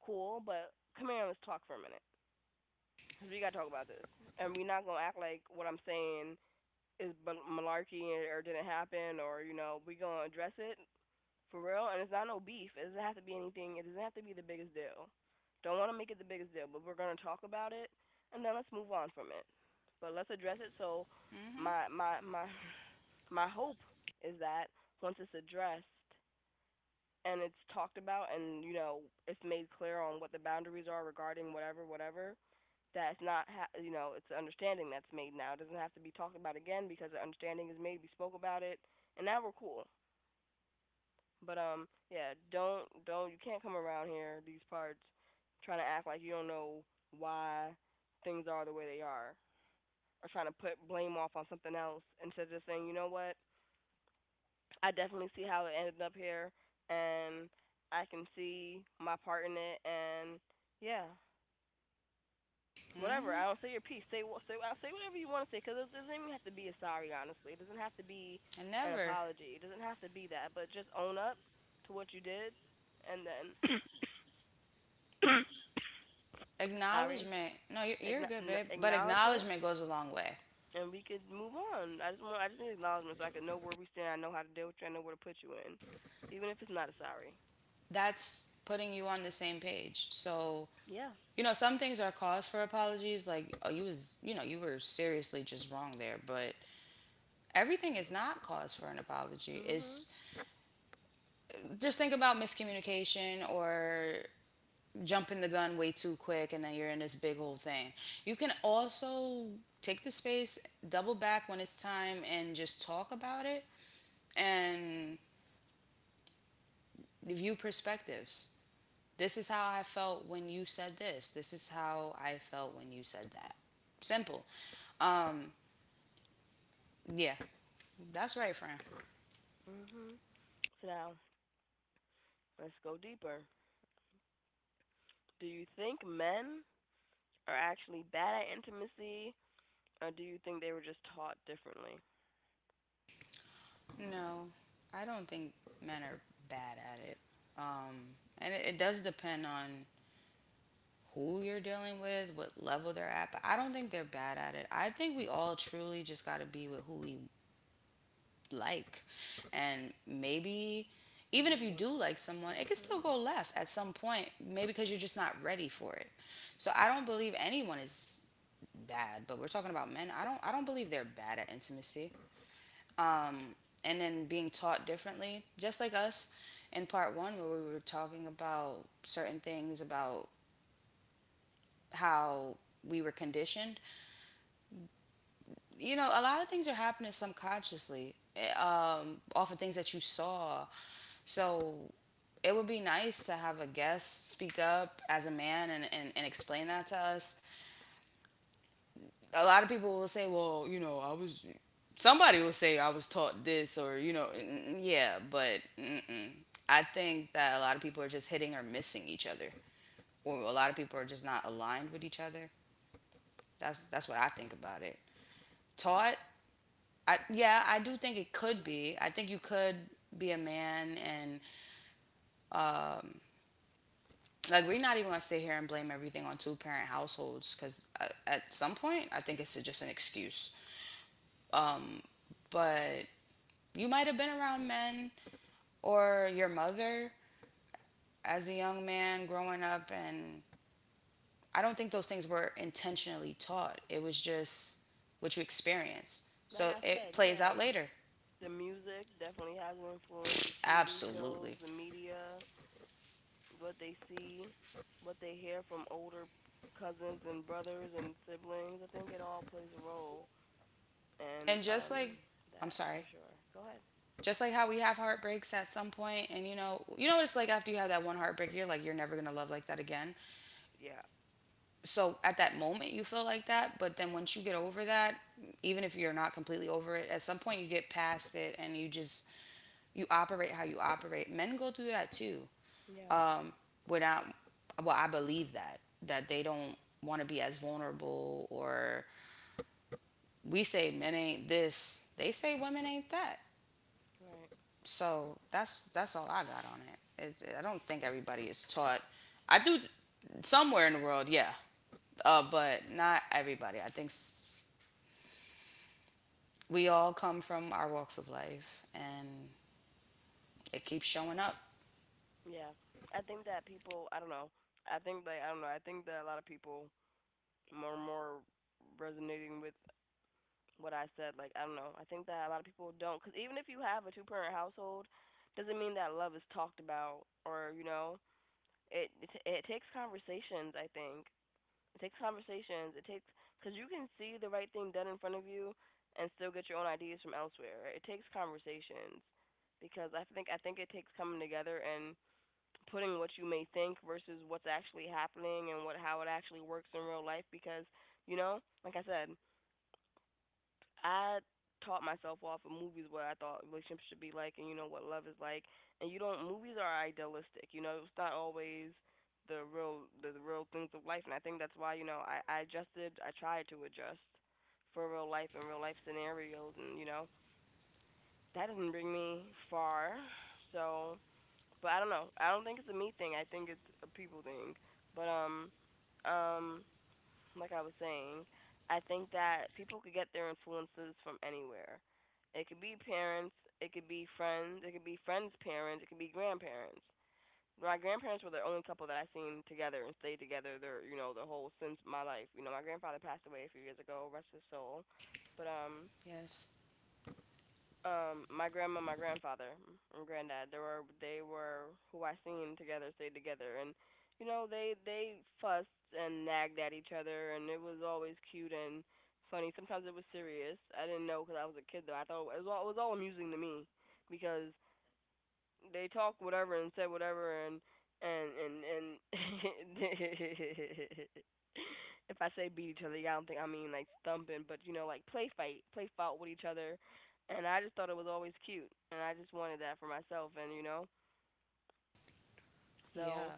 [SPEAKER 2] cool, but come here and let's talk for a minute. Cause we gotta talk about this, and we're not gonna act like what I'm saying is malarkey, or didn't happen, or we are gonna address it for real. And it's not no beef. It doesn't have to be anything. It doesn't have to be the biggest deal. Don't want to make it the biggest deal, but we're gonna talk about it, and then let's move on from it. But let's address it. So,
[SPEAKER 1] Mhm.
[SPEAKER 2] my my my my hope is that once it's addressed and it's talked about, and, you know, it's made clear on what the boundaries are regarding whatever whatever, that's not ha- you know, it's an understanding that's made now. It doesn't have to be talked about again because the understanding is made. We spoke about it, and now we're cool. But yeah, don't you can't come around here these parts trying to act like you don't know why things are the way they are, or trying to put blame off on something else instead of just saying, you know what, I definitely see how it ended up here, and I can see my part in it, and yeah, whatever.
[SPEAKER 1] Mhm.
[SPEAKER 2] I don't Say your piece. Say wha- say I'll say whatever you want to say because it doesn't even have to be a sorry. Honestly, it doesn't have to be
[SPEAKER 1] And
[SPEAKER 2] an
[SPEAKER 1] never.
[SPEAKER 2] apology. It doesn't have to be that. But just own up to what you did, and then sorry,
[SPEAKER 1] Acknowledgement. No, you're good, babe. But
[SPEAKER 2] acknowledge it,
[SPEAKER 1] acknowledgement goes a long way.
[SPEAKER 2] and we could move on. I just need acknowledgement so I can know where we stand. I know how to deal with you. I know where to put you in, even if it's not a sorry.
[SPEAKER 1] That's putting you on the same page. So,
[SPEAKER 2] Yeah.
[SPEAKER 1] you know, some things are cause for apologies. Like, oh, you was, you know, you were seriously just wrong there. But everything is not cause for an apology.
[SPEAKER 2] Mhm.
[SPEAKER 1] It's just think about miscommunication or jumping the gun way too quick and then you're in this big whole thing. You can also take the space, double back when it's time and just talk about it and view perspectives. This is how I felt when you said this. This is how I felt when you said that. Simple. Um yeah, that's right, Fran.
[SPEAKER 2] Mhm. So now let's go deeper. Do you think men are actually bad at intimacy? Or do you think they were just taught differently
[SPEAKER 1] No, I don't think men are bad at it. Um and it does depend on who you're dealing with, what level they're at, but I don't think they're bad at it. I think we all truly just got to be with who we like. And maybe
[SPEAKER 2] and
[SPEAKER 1] even if
[SPEAKER 2] who
[SPEAKER 1] you do
[SPEAKER 2] work with
[SPEAKER 1] like
[SPEAKER 2] us?
[SPEAKER 1] someone, it can still
[SPEAKER 2] Mhm.
[SPEAKER 1] go left at some point, maybe because you're just not ready for it. So I don't believe anyone is bad, but we're talking about men. I don't believe they're bad at intimacy. Um and then being taught differently, just like us in part 1 where we were talking about certain things about how we were conditioned. You know, a lot of things are happening subconsciously off of things that you saw. So it would be nice to have a guest speak up as a man and, and explain that to us. A lot of people will say, well, you know, I was, somebody will say I was taught this or, you know, yeah, but mm-mm. I think that a lot of people are just hitting or missing each other. Or a lot of people are just not aligned with each other. That's what I think about it. Taught yeah, I do think it could be. I think you could be a man and um, like we're not even gonna sit here and blame everything on two parent households because at some point I think it's just an excuse. Um, but you might have been around men or your mother as a young man growing up, and I don't think those things were intentionally taught. It was just what you experience.
[SPEAKER 2] Like
[SPEAKER 1] So
[SPEAKER 2] I
[SPEAKER 1] it
[SPEAKER 2] said,
[SPEAKER 1] plays
[SPEAKER 2] yeah,
[SPEAKER 1] out later.
[SPEAKER 2] the music definitely has an influence. The TV shows,
[SPEAKER 1] Absolutely.
[SPEAKER 2] the media, what they see, what they hear from older cousins and brothers and siblings. I think it all plays a role in
[SPEAKER 1] And just like, I'm
[SPEAKER 2] that for
[SPEAKER 1] sorry,
[SPEAKER 2] sure. Go ahead.
[SPEAKER 1] just like how we have heartbreaks at some point, and you know what it's like after you have that one heartbreak, you're like, you're never gonna love like that again.
[SPEAKER 2] Yeah.
[SPEAKER 1] So at that moment, you feel like that, but then once you get over that, even if you're not completely over it, at some point you get past it, and you just you operate how you operate. Men go through that too.
[SPEAKER 2] Yeah.
[SPEAKER 1] Um, without, well, I believe that they don't want to be as vulnerable, or we say men ain't this, they say women ain't that.
[SPEAKER 2] Right.
[SPEAKER 1] So that's all I got on it. I don't think everybody is taught. I do somewhere in the world, yeah, but not everybody. We all come from our walks of life, and it keeps showing up.
[SPEAKER 2] Yeah. I think that people. I don't know. I think, like, I don't know. I think that a lot of people are more resonating with what I said. Like, I don't know. I think that a lot of people don't because even if you have a two parent household, doesn't mean that love is talked about, or, you know, it takes conversations. I think it takes conversations. It takes because you can see the right thing done in front of you and still get your own ideas from elsewhere. It takes conversations because I think it takes coming together and putting what you may think versus what's actually happening and what how it actually works in real life because, you know like I said, I taught myself off of movies what I thought relationships should be like, and you know what love is like. And you don't movies are idealistic, you know, it's not always the real, the real things of life, and I think that's why, I tried to adjust for real life and real life scenarios, and, that didn't bring me far. So, but I don't know. I don't think it's a me thing. I think it's a people thing. But um like I was saying, I think that people could get their influences from anywhere. It could be parents, it could be friends, it could be friends' parents, it could be grandparents. My grandparents were the only couple that I seen together and stayed together their, you know, the whole, since my life. You know, my grandfather passed away a few years ago, rest his soul. But
[SPEAKER 1] Yes,
[SPEAKER 2] my grandma, my grandfather, and granddad. They were who I seen together, stayed together, and, they fussed and nagged at each other, and it was always cute and funny. Sometimes it was serious. I didn't know because I was a kid though. I thought it was all amusing to me because they talked whatever and said whatever and and and if I say beat each other, yeah, I don't think I mean like thumping, but you know like play fought with each other. And I just thought it was always cute, and I just wanted that for myself. And you know, so
[SPEAKER 1] yeah,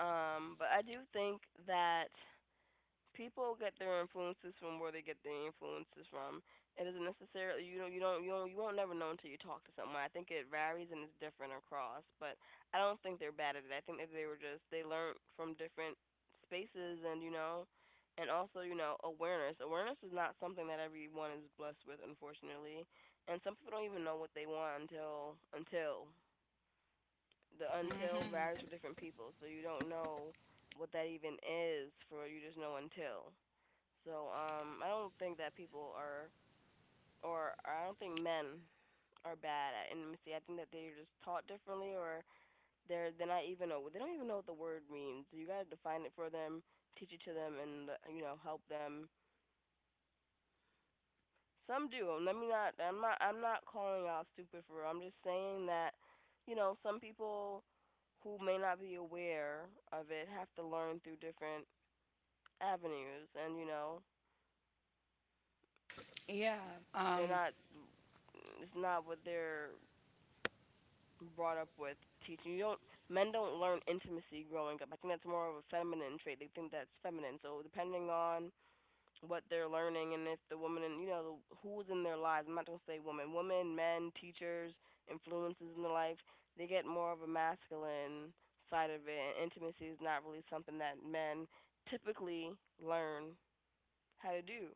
[SPEAKER 2] but I do think that people get their influences from where they get their influences from. It doesn't necessarily, you know, you won't never know until you talk to someone. I think it varies and it's different across, but I don't think they're bad at it. I think that they were just they learned from different spaces. And you know, and also, you know, awareness. Awareness is not something that everyone is blessed with, unfortunately. And some people don't even know what they want until the until varies
[SPEAKER 1] mm-hmm.
[SPEAKER 2] for different people. So you don't know what that even is for you. Just know until. So I don't think that people are, or I don't think men are bad at intimacy. I think that they're just taught differently, or they're not even know they don't even know what the word means. You gotta define it for them, teach it to them, and you know, help them. Some do. Let me not. I'm not. I'm not calling y'all stupid for real. I'm just saying that, you know, some people who may not be aware of it have to learn through different avenues. And you know,
[SPEAKER 1] Yeah.
[SPEAKER 2] they're
[SPEAKER 1] Um,
[SPEAKER 2] not it's not what they're brought up with teaching. You don't Men don't learn intimacy growing up. I think that's more of a feminine trait. They think that's feminine. So depending on what they're learning, and if the woman, and you know the, who's in their lives. I'm not gonna say woman, women, men, teachers, influences in their life. They get more of a masculine side of it, and intimacy is not really something that men typically learn how to do.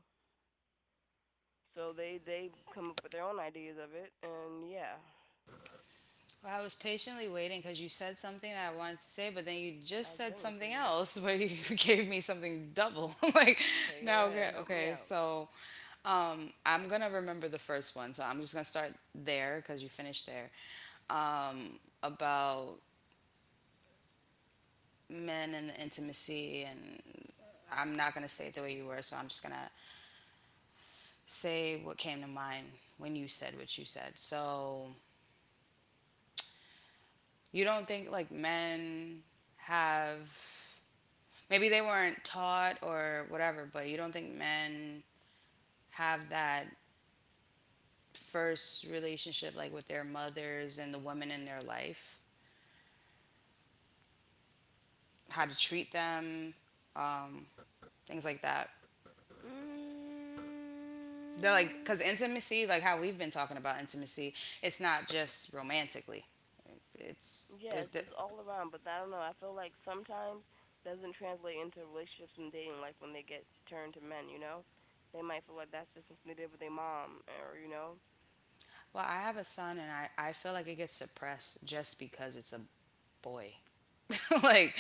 [SPEAKER 2] So they come up with their own ideas of it. And yeah,
[SPEAKER 1] well, I was patiently waiting because you said something that I wanted to say, but then you
[SPEAKER 2] I
[SPEAKER 1] just
[SPEAKER 2] was
[SPEAKER 1] said
[SPEAKER 2] waiting for
[SPEAKER 1] something
[SPEAKER 2] you.
[SPEAKER 1] else, but you gave me something double. I'm like,
[SPEAKER 2] Okay, go
[SPEAKER 1] now
[SPEAKER 2] ahead, help me
[SPEAKER 1] okay,
[SPEAKER 2] out.
[SPEAKER 1] so I'm gonna remember the first one, so I'm just gonna start there because you finished there. About men and the intimacy, and I'm not gonna say it the way you were, so I'm just gonna say what came to mind when you said what you said. So you don't think like men have maybe they weren't taught or whatever, but you don't think men have that first relationship like with their mothers and the women in their life how to treat them, um, things like that. They're like,
[SPEAKER 2] Mm,
[SPEAKER 1] because intimacy, like how we've been talking about intimacy, it's not just romantically. It's,
[SPEAKER 2] yes,
[SPEAKER 1] it's
[SPEAKER 2] it's all around, but I don't know. I feel like sometimes doesn't translate into relationships and dating life when they get turned to men. You know, they might feel like that's just something they did with their mom, or you know,
[SPEAKER 1] well, I have a son and I feel like it gets suppressed just because it's a boy. Like,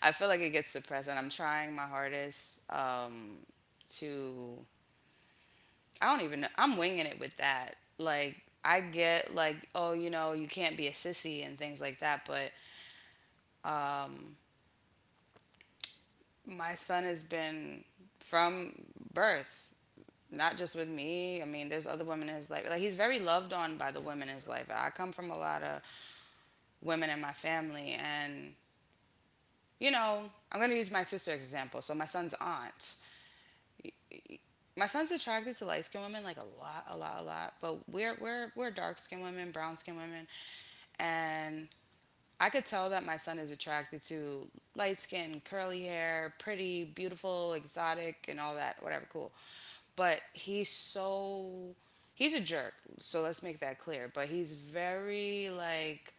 [SPEAKER 1] I feel like it gets suppressed and I'm trying my hardest to, I don't even know, I'm winging it with that. Like, I get like, oh, you know, you can't be a sissy and things like that, but my son has been from birth, not just with me. I mean, there's other women in his life. Like, he's very loved on by the women in his life. I come from a lot of women in my family, and you know, I'm going to use my sister as example. So my son's aunt, my son's attracted to light skinned women, like a lot, but we're dark skinned women, brown skinned women. And I could tell that my son is attracted to light skin, curly hair, pretty, beautiful, exotic, and all that, whatever, cool. But he's so, he's a jerk. So let's make that clear. But he's very, like,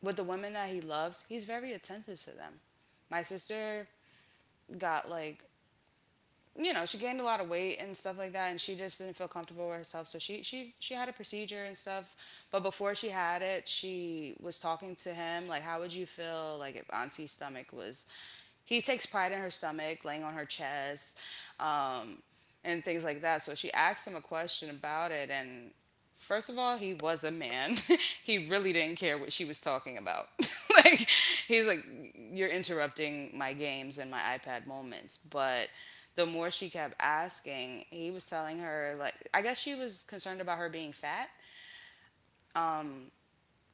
[SPEAKER 1] with the women that he loves, he's very attentive to them. My sister got, like, you know, she gained a lot of weight and stuff like that, and she just didn't feel comfortable with herself, so she had a procedure and stuff. But before she had it, she was talking to him like, how would you feel like if auntie's stomach was, he takes pride in her stomach, laying on her chest, um, and things like that. So she asked him a question about it, and first of all, he was a man. He really didn't care what she was talking about. Like, he's like, you're interrupting my games and my iPad moments. But the more she kept asking, he was telling her like, I guess she was concerned about her being fat. Um,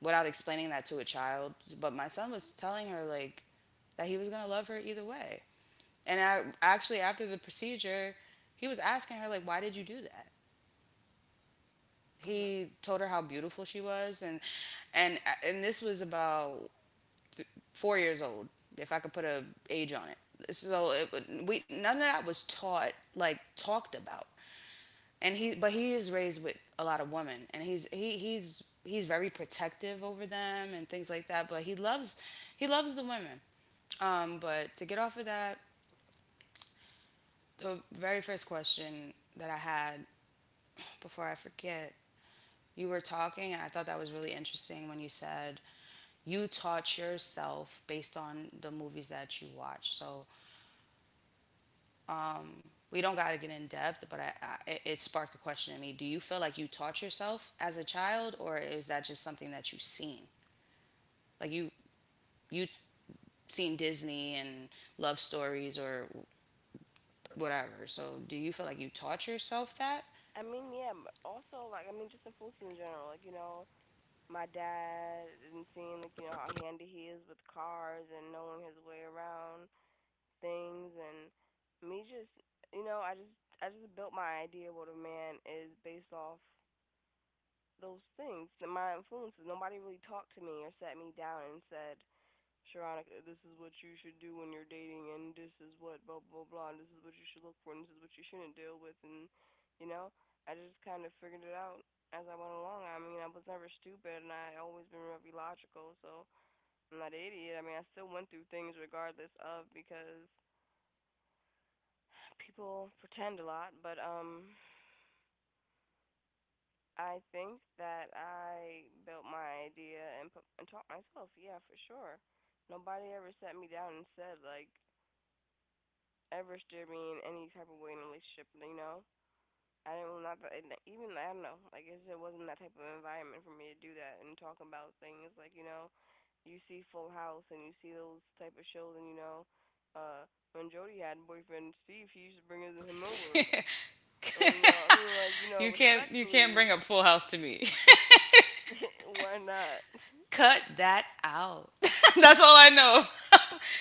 [SPEAKER 1] without explaining that to a child, but my son was telling her like that he was gonna love her either way. And actually, after the procedure, he was asking her like, "Why did you do that?"
[SPEAKER 2] mhm,
[SPEAKER 1] He told her how beautiful she was, and and and this was about th- 4 years old, if I could put a age on it. So it, we none of that was taught like talked about. And
[SPEAKER 2] right.
[SPEAKER 1] he is raised with a lot of women, and he's he he's very protective over them and things like that. But he loves the women. But to get off of that, the very first question that I had before I forget. You were talking, and I thought that was really interesting when you said you taught yourself based on the movies that you watch. So we don't got to get in depth, but it- sparked a question in me. Do you feel like you taught yourself as a child, or is that just something that you've seen? Like you seen Disney and love stories or whatever. So do you feel like you taught yourself that?
[SPEAKER 2] I mean, yeah. Also, like, I mean, just influences in general. Like, you know, my dad and seeing like, you know, how handy he is with cars and knowing his way around things. And me just, you know, I just built my idea of what a man is based off those things and my influences. Nobody really talked to me or sat me down and said, Sharonica, this is what you should do when you're dating, and this is what blah blah blah, and this is what you should look for, and this is what you shouldn't deal with, and you know, I just kind of figured it out as I went along. I mean, I was never stupid, and I always been very logical. So I'm not an idiot. I mean, I still went through things regardless of because people pretend a lot. But I think that I built my idea and put, and taught myself. Yeah, for sure. Nobody ever sat me down and said like, ever steered me in any type of way in a relationship. You know, I didn't, not that even I don't know. Like, it wasn't that type of environment for me to do that and talk about things. Like, you know, you see Full House and you see those type of shows, and you know, uh when Jody had a boyfriend Steve, he used to bring him over. And, you know, I mean, like, you know,
[SPEAKER 1] You can't
[SPEAKER 2] respectfully,
[SPEAKER 1] bring up Full House to me.
[SPEAKER 2] why not?
[SPEAKER 1] Cut that out. That's all I know.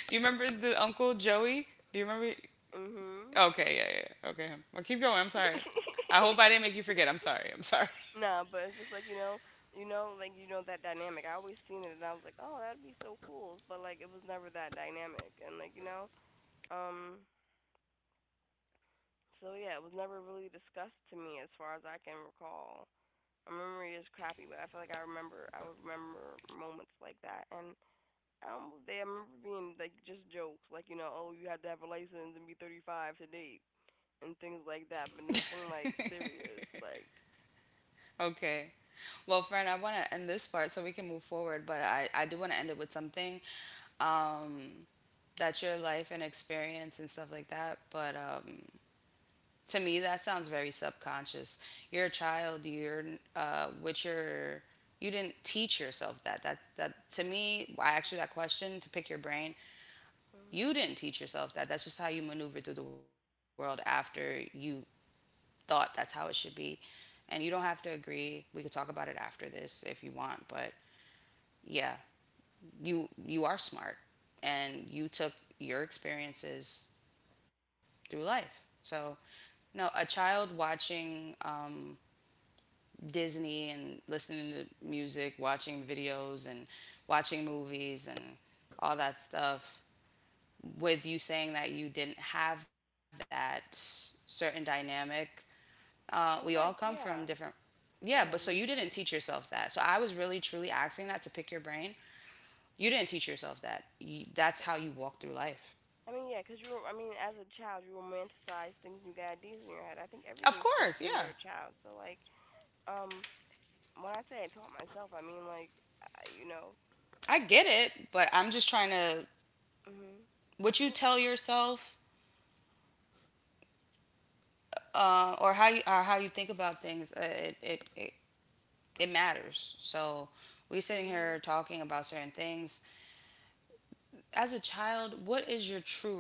[SPEAKER 1] Do you remember the Uncle Joey? Do you remember?
[SPEAKER 2] Mhm.
[SPEAKER 1] Okay, yeah, yeah. Okay, him. Well, keep going. I'm sorry. I hope I didn't make you forget. I'm sorry. I'm sorry.
[SPEAKER 2] Nah, but it's just like, you know, like, you know, that dynamic. I always seen it, and I was like, oh, that'd be so cool. But like, it was never that dynamic, and like, you know, um, so yeah, it was never really discussed to me as far as I can recall. My memory is crappy, but I feel like I remember. I would remember moments like that. And they, I remember being like just jokes, like, you know, oh, you had to have a license and be 35 to date, and things like that, but nothing like serious. Like,
[SPEAKER 1] Okay. Well, friend, I want to end this part so we can move forward, but I do want to end it with something. Um, that's your life and experience and stuff like that. But to me that sounds very subconscious. You're a child. You're with your, you didn't teach yourself that. That to me, I asked you that question to pick your brain. You didn't teach yourself that. That's just how you maneuver through the world after you thought that's how it should be. And you don't have to agree, we could talk about it after this if you want, but yeah, you are smart, and you took your experiences through life. So no, a child watching Disney and listening to music, watching videos and watching movies and all that stuff. With you saying that you didn't have that certain dynamic, we all
[SPEAKER 2] so,
[SPEAKER 1] come
[SPEAKER 2] like
[SPEAKER 1] from different.
[SPEAKER 2] yeah.
[SPEAKER 1] Yeah, but so
[SPEAKER 2] Go
[SPEAKER 1] you
[SPEAKER 2] ahead, let
[SPEAKER 1] didn't
[SPEAKER 2] me
[SPEAKER 1] teach
[SPEAKER 2] finish.
[SPEAKER 1] yourself that. So I was really truly asking that to pick your brain. You didn't teach yourself that. That's how
[SPEAKER 2] But
[SPEAKER 1] you walk through life.
[SPEAKER 2] I mean, yeah, 'cause you were. I mean, as a child, you romanticize things, you got ideas in your
[SPEAKER 1] Of
[SPEAKER 2] head. I think
[SPEAKER 1] course,
[SPEAKER 2] everything
[SPEAKER 1] yeah.
[SPEAKER 2] forms when you're a child. So like, um, when I say I taught myself, I mean like, I, you know,
[SPEAKER 1] I get it, but I'm just trying to,
[SPEAKER 2] mhm,
[SPEAKER 1] what you
[SPEAKER 2] well,
[SPEAKER 1] tell yourself or how you think about things. It it matters. So we're sitting
[SPEAKER 2] mhm.
[SPEAKER 1] here talking about certain things. As a child, what is your true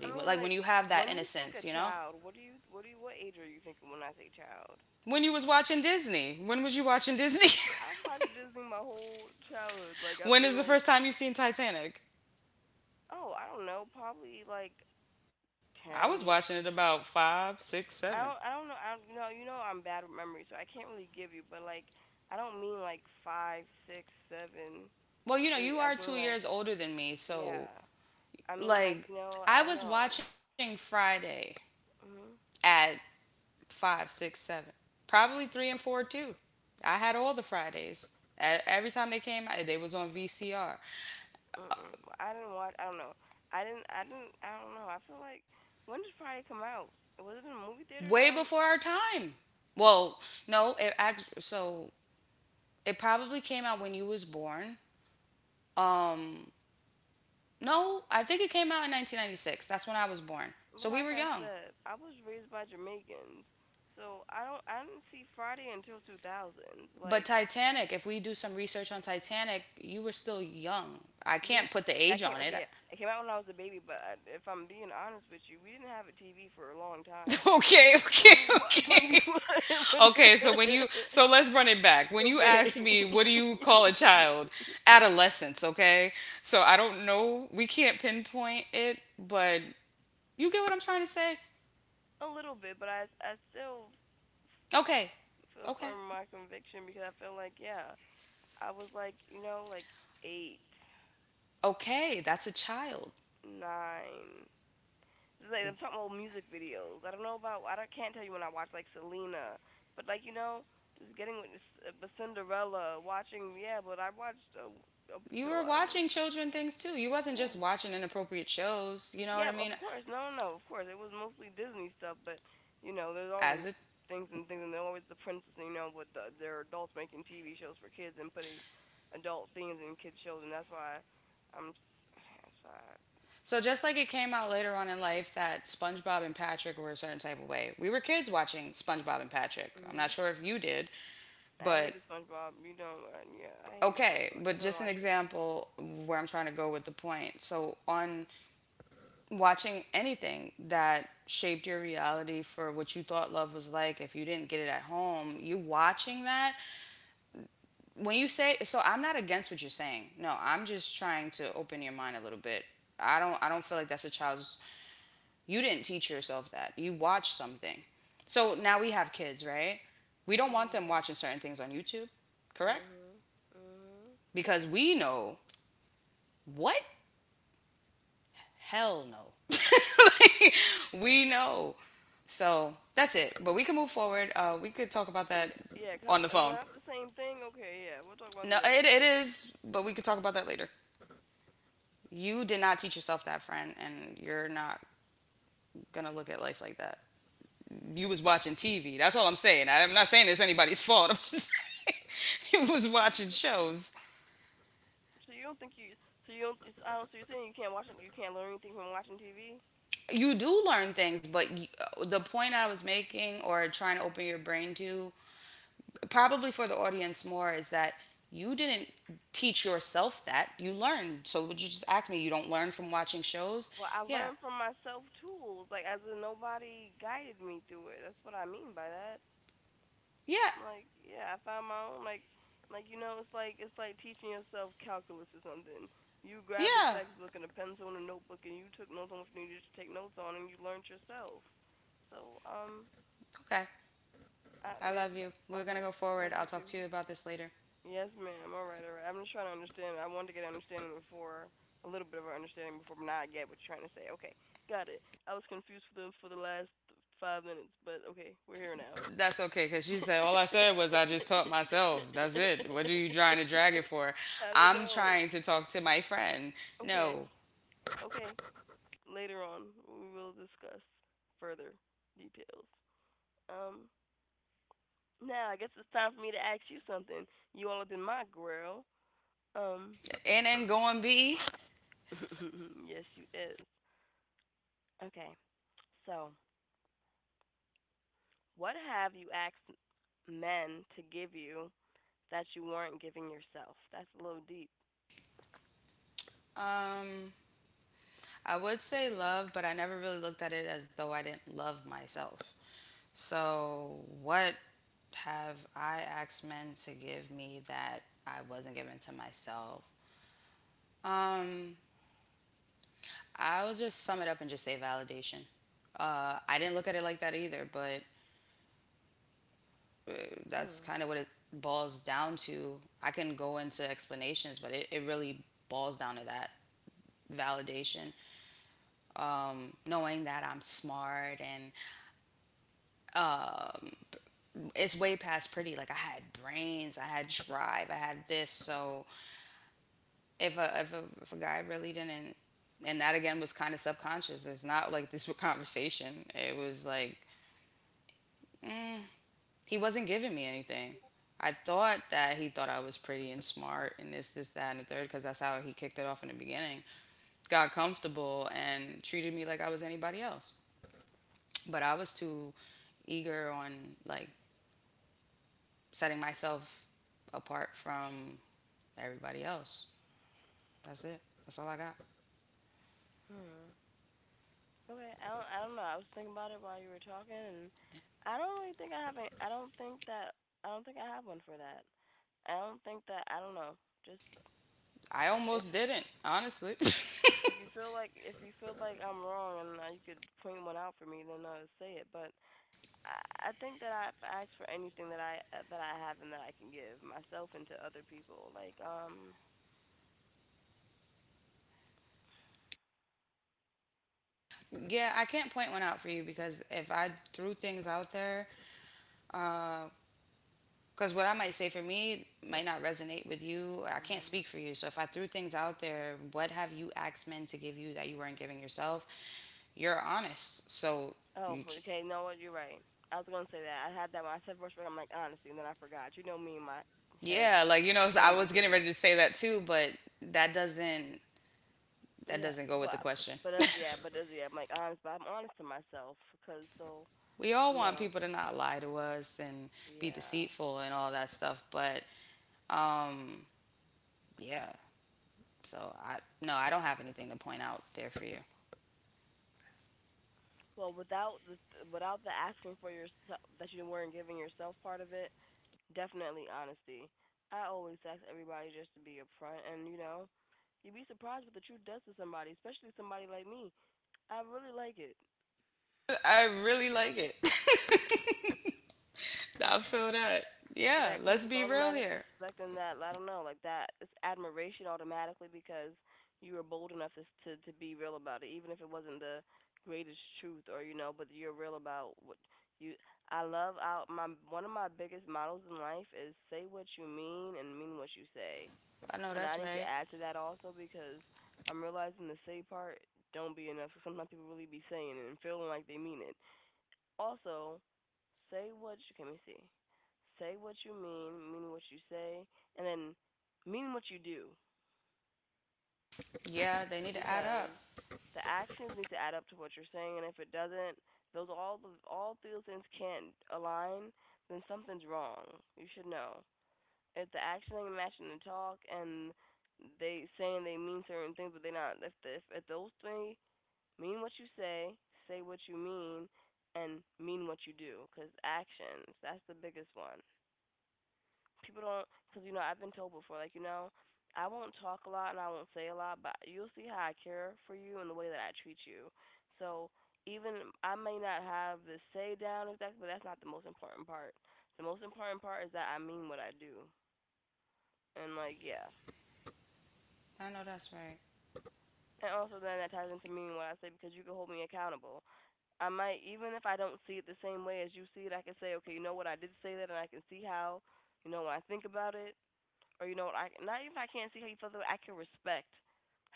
[SPEAKER 2] I mean
[SPEAKER 1] Like when
[SPEAKER 2] like,
[SPEAKER 1] you have
[SPEAKER 2] when
[SPEAKER 1] that
[SPEAKER 2] you think a
[SPEAKER 1] innocence, you know?
[SPEAKER 2] child, what age are you thinking when I say child?
[SPEAKER 1] When you was watching Disney, when was you watching Disney?
[SPEAKER 2] I watched Disney my whole childhood. Like, I
[SPEAKER 1] When
[SPEAKER 2] mean
[SPEAKER 1] is the
[SPEAKER 2] like,
[SPEAKER 1] first time you seen Titanic?
[SPEAKER 2] oh, I don't know, probably like
[SPEAKER 1] I was watching
[SPEAKER 2] 10.
[SPEAKER 1] it about five, six, seven.
[SPEAKER 2] I don't know, I don't, you know, you know, I'm bad with memory so I can't really give you, but like, I don't mean like five six seven
[SPEAKER 1] Well, you know,
[SPEAKER 2] eight
[SPEAKER 1] you
[SPEAKER 2] I
[SPEAKER 1] are
[SPEAKER 2] mean
[SPEAKER 1] two
[SPEAKER 2] like,
[SPEAKER 1] years older than me,
[SPEAKER 2] yeah,
[SPEAKER 1] so
[SPEAKER 2] I mean like,
[SPEAKER 1] like
[SPEAKER 2] you know, I
[SPEAKER 1] I
[SPEAKER 2] don't
[SPEAKER 1] was
[SPEAKER 2] know.
[SPEAKER 1] watching Friday
[SPEAKER 2] Mhm.
[SPEAKER 1] at five, six, seven, probably three and four too. I had all the Fridays. Every time they came, they was on VCR.
[SPEAKER 2] Mm, well, I didn't watch, I don't know, I don't know, I feel like, when did Friday come out, was it in movie theaters?
[SPEAKER 1] Way
[SPEAKER 2] I don't.
[SPEAKER 1] before our time. Well, no, it actually. So it probably came out when you was born. Um, no, I think it came out in 1996. That's when I was born.
[SPEAKER 2] But
[SPEAKER 1] So we
[SPEAKER 2] like
[SPEAKER 1] were
[SPEAKER 2] I
[SPEAKER 1] young.
[SPEAKER 2] said, I was raised by Jamaicans, so I don't, I didn't see Friday until 2000s.
[SPEAKER 1] But
[SPEAKER 2] Like,
[SPEAKER 1] Titanic, if we do some research on Titanic, you were still young. I
[SPEAKER 2] yeah,
[SPEAKER 1] can't put the
[SPEAKER 2] that
[SPEAKER 1] age
[SPEAKER 2] came,
[SPEAKER 1] on it.
[SPEAKER 2] okay, yeah, it came out when I was a baby. But I, if I'm being honest with you, we didn't have a TV for a long time. So
[SPEAKER 1] Okay,
[SPEAKER 2] when
[SPEAKER 1] okay,
[SPEAKER 2] we watch, when we
[SPEAKER 1] okay.
[SPEAKER 2] watch, when,
[SPEAKER 1] Okay, so when you, so let's run it back. When you
[SPEAKER 2] okay,
[SPEAKER 1] asked me, what do you call a child? Adolescence, okay? So I don't know, we can't pinpoint it, but you get what I'm trying to say?
[SPEAKER 2] a little bit, but I still f-
[SPEAKER 1] Okay.
[SPEAKER 2] feel
[SPEAKER 1] Okay.
[SPEAKER 2] firm in my conviction because I feel like, yeah, I was like, you know, like eight,
[SPEAKER 1] Okay, that's a child.
[SPEAKER 2] nine. Like I'm talking about music videos. I don't know about, I don't, can't tell you when I watch like Selena. But like, you know, just getting with this, but Cinderella, watching, yeah. But I watched up
[SPEAKER 1] You
[SPEAKER 2] until
[SPEAKER 1] were
[SPEAKER 2] I was,
[SPEAKER 1] watching children things too. You wasn't
[SPEAKER 2] yeah,
[SPEAKER 1] just watching inappropriate shows, you know what
[SPEAKER 2] yeah,
[SPEAKER 1] I
[SPEAKER 2] of
[SPEAKER 1] mean?
[SPEAKER 2] course, no, no, no, of course it was mostly Disney stuff. But you know, there's always
[SPEAKER 1] As a
[SPEAKER 2] things and things, and there's always the princess, you know, with the, there are adults making TV shows for kids and putting adult themes in kids shows. And that's why I'm s- that's why
[SPEAKER 1] so just like it came out later on in life that SpongeBob and Patrick were a certain type of way. We were kids watching SpongeBob and Patrick. I'm
[SPEAKER 2] mhm
[SPEAKER 1] not sure if you did,
[SPEAKER 2] I
[SPEAKER 1] but
[SPEAKER 2] hated SpongeBob, you know, yeah, I hated SpongeBob,
[SPEAKER 1] okay,
[SPEAKER 2] I
[SPEAKER 1] but
[SPEAKER 2] couldn't
[SPEAKER 1] just an
[SPEAKER 2] watch it.
[SPEAKER 1] example of where I'm trying to go with the point. So, on watching anything that shaped your reality for what you thought love was like, if you didn't get it at home, you watching that. When you say, so I'm not against what you're saying. No, I'm just trying to open your mind a little bit. I don't feel like that's a child's you didn't teach yourself that. You watched something. So now we have kids, right? We don't want them
[SPEAKER 2] Mhm.
[SPEAKER 1] watching certain things on YouTube, correct?
[SPEAKER 2] Mhm. Mhm.
[SPEAKER 1] Because we know what Hell no. Like, we know. So that's it. But we can move forward. We could talk about that
[SPEAKER 2] Yeah,
[SPEAKER 1] on
[SPEAKER 2] come.
[SPEAKER 1] the
[SPEAKER 2] Is
[SPEAKER 1] phone.
[SPEAKER 2] that the same thing? Okay. Yeah, we'll talk about
[SPEAKER 1] No,
[SPEAKER 2] it
[SPEAKER 1] it,
[SPEAKER 2] later.
[SPEAKER 1] it is, but we could talk about that later. You did not teach yourself that, friend, and you're not gonna look at life like that. You was watching TV. That's all I'm saying. I'm not saying it's anybody's fault. I'm just saying you was
[SPEAKER 2] You-
[SPEAKER 1] watching
[SPEAKER 2] but you-
[SPEAKER 1] shows.
[SPEAKER 2] So you don't think you? So you don't? It's, I don't. So you're saying you can't watch? You can't learn anything from watching TV?
[SPEAKER 1] You do learn things, but the point I was making or trying to open your brain to probably for the audience more is that you didn't teach yourself that you learned, so would you just ask me, you don't learn from watching shows?
[SPEAKER 2] Well, I
[SPEAKER 1] Yeah,
[SPEAKER 2] learned from myself tools. Like, as in nobody guided me through it. That's what I mean by that.
[SPEAKER 1] yeah,
[SPEAKER 2] Like, yeah, I found my own. Like you know, it's like teaching yourself calculus or something. You grabbed a
[SPEAKER 1] yeah.
[SPEAKER 2] textbook and a pencil and a notebook, and you took notes on what you needed to take notes on, and you learned yourself. So,
[SPEAKER 1] Okay,
[SPEAKER 2] I
[SPEAKER 1] I love you. We're gonna
[SPEAKER 2] okay.
[SPEAKER 1] go
[SPEAKER 2] I
[SPEAKER 1] forward.
[SPEAKER 2] love
[SPEAKER 1] I'll
[SPEAKER 2] you
[SPEAKER 1] talk
[SPEAKER 2] too.
[SPEAKER 1] to you about this later.
[SPEAKER 2] Yes, ma'am. All right, all right. I'm just trying to understand. I wanted to get an understanding before, a little bit of an understanding before, but now I get what you're trying to say. Okay, got it. I was confused for the last 5 minutes, but okay, we're here now.
[SPEAKER 1] That's okay, because she said, all I said was I just taught myself. That's it. What are you trying to drag it for?
[SPEAKER 2] I don't
[SPEAKER 1] I'm
[SPEAKER 2] know.
[SPEAKER 1] trying to talk to my friend.
[SPEAKER 2] Okay,
[SPEAKER 1] No.
[SPEAKER 2] okay. Later on, we will discuss further details. Um, Now I guess it's time for me to ask you something. You all up in my grill. Um,
[SPEAKER 1] And then going B.
[SPEAKER 2] yes, you is. Okay, so what have you asked men to give you that you weren't giving yourself? That's a little deep.
[SPEAKER 1] um I would say love, but I never really looked at it as though I didn't love myself. So, what have I asked men to give me that I wasn't given to myself? Um, I'll just sum it up and just say validation. I didn't look at it like that either, but uh, that's
[SPEAKER 2] Hmm.
[SPEAKER 1] kind of what it boils down to. I can go into explanations, but it really boils down to that validation. Knowing that I'm smart and um, it's way past pretty. Like I had brains, I had drive, I had this. So if a guy really didn't, and that again was kind of subconscious. It's not like this conversation. It was like mm, he wasn't giving me anything. I thought that he thought I was pretty and smart and this, that, and the third, because that's how he kicked it off in the beginning. Got comfortable and treated me like I was anybody else. But I was too eager on like setting myself apart from everybody else. That's it. That's all I got.
[SPEAKER 2] Hmm. Okay, I don't know. I was thinking about it while you were talking, and I don't really think I have a, I don't think that, I don't think I have one for that. I don't think that, I don't know. Just,
[SPEAKER 1] I
[SPEAKER 2] if
[SPEAKER 1] almost didn't, honestly.
[SPEAKER 2] if you feel like I'm wrong, and you could point one out for me, then say it. But I think that I've asked for anything that I have and that I can give myself and to other people. Like
[SPEAKER 1] Yeah, I can't point one out for you, because if I threw things out there, because what I might say for me might not resonate with you. I can't speak
[SPEAKER 2] hmm.
[SPEAKER 1] for you. So if I threw things out there, what have you asked men to give you that you weren't giving yourself? You're honest. So
[SPEAKER 2] Oh,
[SPEAKER 1] you c-
[SPEAKER 2] okay. No, what, you're right. I was gonna say that. I had that when I said first. But I'm like honesty, and then I forgot. You know me, and my head.
[SPEAKER 1] yeah, like you know, so I
[SPEAKER 2] Don't
[SPEAKER 1] was
[SPEAKER 2] be
[SPEAKER 1] getting ready
[SPEAKER 2] there.
[SPEAKER 1] to say that too, but that doesn't that
[SPEAKER 2] Yeah,
[SPEAKER 1] doesn't go with the
[SPEAKER 2] but
[SPEAKER 1] question.
[SPEAKER 2] but as yeah, I'm like honest, but I'm honest to myself because so,
[SPEAKER 1] We all want
[SPEAKER 2] no,
[SPEAKER 1] people to not lie to us and be
[SPEAKER 2] yeah.
[SPEAKER 1] deceitful and all that stuff, but um yeah, so I no, I don't have anything to point out there for you.
[SPEAKER 2] Well, without the without the asking for yourself that you weren't giving yourself part of it, definitely honesty. I always ask everybody just to be upfront, and you'd be surprised what the truth does to somebody, especially somebody like me. I really like it.
[SPEAKER 1] I really like it. I feel that. Yeah,
[SPEAKER 2] That
[SPEAKER 1] let's
[SPEAKER 2] comes
[SPEAKER 1] be
[SPEAKER 2] with
[SPEAKER 1] real
[SPEAKER 2] automatic
[SPEAKER 1] here.
[SPEAKER 2] respect and that I don't know, like that it's admiration automatically because you were bold enough to be real about it, even if it wasn't the greatest truth or but you're real about what you. I love out my one of my biggest models in life is say what you mean and mean what you say,
[SPEAKER 1] I know
[SPEAKER 2] and
[SPEAKER 1] that's
[SPEAKER 2] I need
[SPEAKER 1] right.
[SPEAKER 2] to add to that also because I'm realizing the say part don't be enough. Sometimes people really be saying it and feeling like they mean it. Also, say what you can we see. Say what you mean what you say, and then mean what you do
[SPEAKER 1] Yeah, they need to add up.
[SPEAKER 2] because the actions need to add up to what you're saying, and if it doesn't, those all the all three things can't align, then something's wrong. You should know. If the action ain't matching the talk, and they saying they mean certain things but they not, if the, if those three mean what you say, say what you mean, and mean what you do. Cause actions, that's the biggest one. People don't, cause I've been told before, like I won't talk a lot and I won't say a lot, but you'll see how I care for you and the way that I treat you. So even I may not have the say down exactly, but that's not the most important part. The most important part is that I mean what I do, and like yeah,
[SPEAKER 1] I know that's right.
[SPEAKER 2] and also then that ties into meaning what I say because you can hold me accountable. I might even if I don't see it the same way as you see it, I can say, okay, what, I did say that, and I can see how, when I think about it, or what, I not even if I can't see how you feel that way, I can respect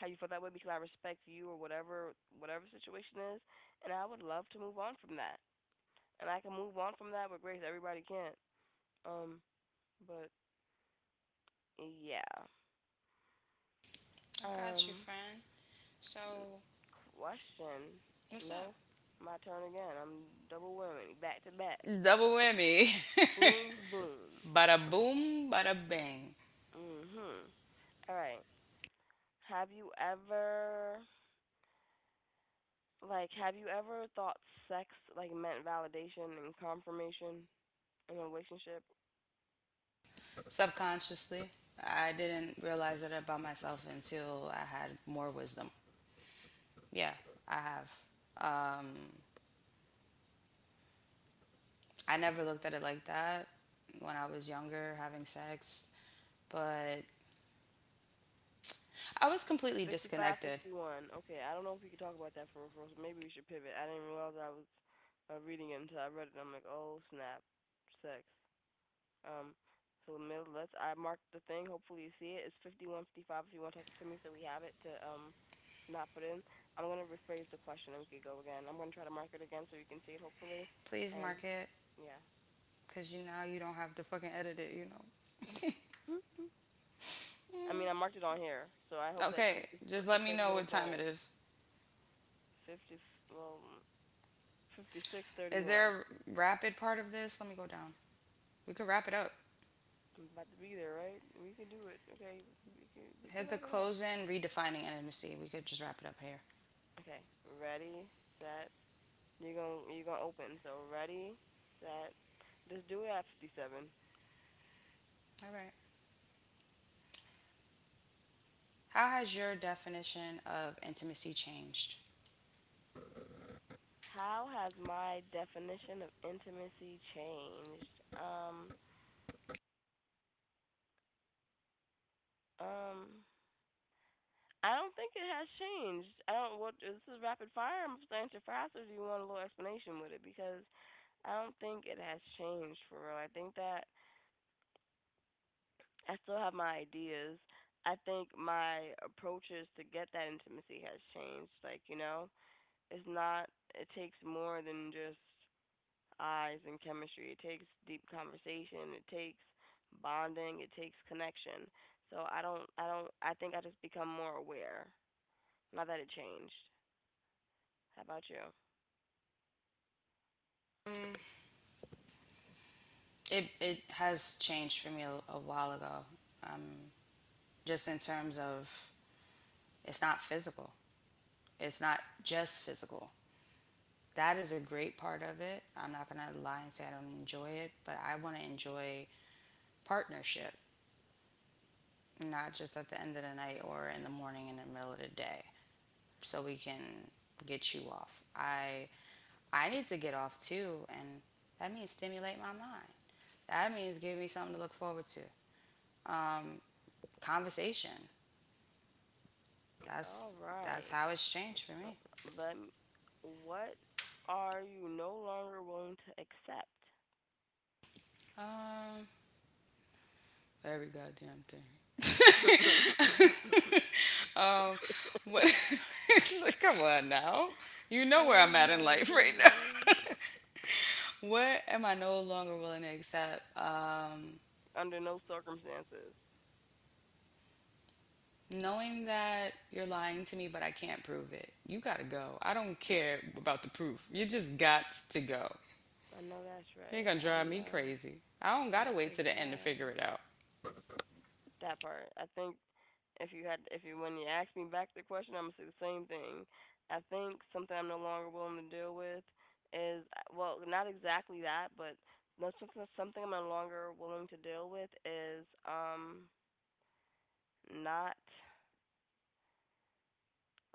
[SPEAKER 2] how you feel that way because I respect you or whatever whatever situation is, and I would love to move on from that, and I can move on from that with grace. Everybody can't, um, but yeah,
[SPEAKER 1] I got you,
[SPEAKER 2] um,
[SPEAKER 1] friend. So
[SPEAKER 2] question,
[SPEAKER 1] what's up?
[SPEAKER 2] no, my turn again. I'm double women, back to back,
[SPEAKER 1] Double whammy.
[SPEAKER 2] boom boom.
[SPEAKER 1] Bada boom, bada bang.
[SPEAKER 2] Mhm. All right. Have you ever have you ever thought sex like meant validation and confirmation in a relationship?
[SPEAKER 1] Subconsciously, I didn't realize that about myself until I had more wisdom. Yeah, I have. I never looked
[SPEAKER 2] Okay.
[SPEAKER 1] at it like that when I was younger, having sex. But I was completely
[SPEAKER 2] 55,
[SPEAKER 1] disconnected.
[SPEAKER 2] 51. Okay, I don't know if we can talk about that for a first. Maybe we should pivot. I didn't realize I was reading it until I read it. I'm like, "Oh, snap. Sex." Um, so Mil, let's. I marked the thing. Hopefully you see it. It's 51:55. If you want to text to me, so we have it to not put in. I'm gonna rephrase the question and we could go again. I'm gonna try to mark it again so you can see it hopefully.
[SPEAKER 1] Please mark
[SPEAKER 2] And
[SPEAKER 1] it,
[SPEAKER 2] yeah.
[SPEAKER 1] because you now you don't have to fucking edit it, you know.
[SPEAKER 2] Hmm? I mean I marked it on here, so I hope that you.
[SPEAKER 1] Okay, just let
[SPEAKER 2] It's
[SPEAKER 1] me
[SPEAKER 2] like a
[SPEAKER 1] know
[SPEAKER 2] little
[SPEAKER 1] what time it
[SPEAKER 2] bulb.
[SPEAKER 1] is.
[SPEAKER 2] 50. Well, fifty-six
[SPEAKER 1] Is
[SPEAKER 2] thirty-one.
[SPEAKER 1] there a rapid part of this? Let me go down. We could wrap it up.
[SPEAKER 2] I'm about to be there, right? We can do it. Okay, we can
[SPEAKER 1] Hit the
[SPEAKER 2] wrap it up.
[SPEAKER 1] close in, redefining intimacy. We could just wrap it up here.
[SPEAKER 2] Okay, ready, set, you're going to open. So ready, set. Just do it at 57.
[SPEAKER 1] All right. How has your definition of intimacy changed?
[SPEAKER 2] How has my definition of intimacy changed? Um I don't think it has changed. I don't what this is rapid fire. I'm starting to faster. Do you want a little explanation with it because I don't think it has changed for real. I think that I still have my ideas. I think my approaches to get that intimacy has changed. Like, it's not it takes more than just eyes and chemistry. It takes deep conversation. It takes bonding. It takes connection. So I don't, I don't, I think I just become more aware. Not that it changed. How about you?
[SPEAKER 1] It has changed for me a while ago. Um, just in terms of it's not physical. It's not just physical. That is a great part of it. I'm not going to lie and say I don't enjoy it, but I want to enjoy partnership, not just at the end of the night or in the morning and in the middle of the day, so we can get you off. I need to get off too, and that means stimulate my mind. That means give me something to look forward to. Um, Conversation.
[SPEAKER 2] All
[SPEAKER 1] That's that's
[SPEAKER 2] right.
[SPEAKER 1] how it's changed for
[SPEAKER 2] Uh,
[SPEAKER 1] me.
[SPEAKER 2] Let. M- What are you no longer willing to accept?
[SPEAKER 1] Um, Every goddamn thing. um, what? Come on now. You know where I'm
[SPEAKER 2] Oh
[SPEAKER 1] at in
[SPEAKER 2] my
[SPEAKER 1] life right now.
[SPEAKER 2] goodness.
[SPEAKER 1] What am I no longer willing to accept?
[SPEAKER 2] Under no circumstances.
[SPEAKER 1] Knowing that you're lying to me, but I can't prove it. You gotta go. I don't care about the proof. You just got to go.
[SPEAKER 2] I know that's
[SPEAKER 1] You're
[SPEAKER 2] right.
[SPEAKER 1] gonna
[SPEAKER 2] I
[SPEAKER 1] drive me
[SPEAKER 2] know
[SPEAKER 1] crazy. I don't gotta
[SPEAKER 2] that
[SPEAKER 1] wait to
[SPEAKER 2] is
[SPEAKER 1] the end to figure it
[SPEAKER 2] right.
[SPEAKER 1] out.
[SPEAKER 2] That part. I think if you had, if you when you ask me back the question, I'm gonna say the same thing. I think something I'm no longer willing to deal with is well, not exactly that, but that's something I'm no longer willing to deal with is not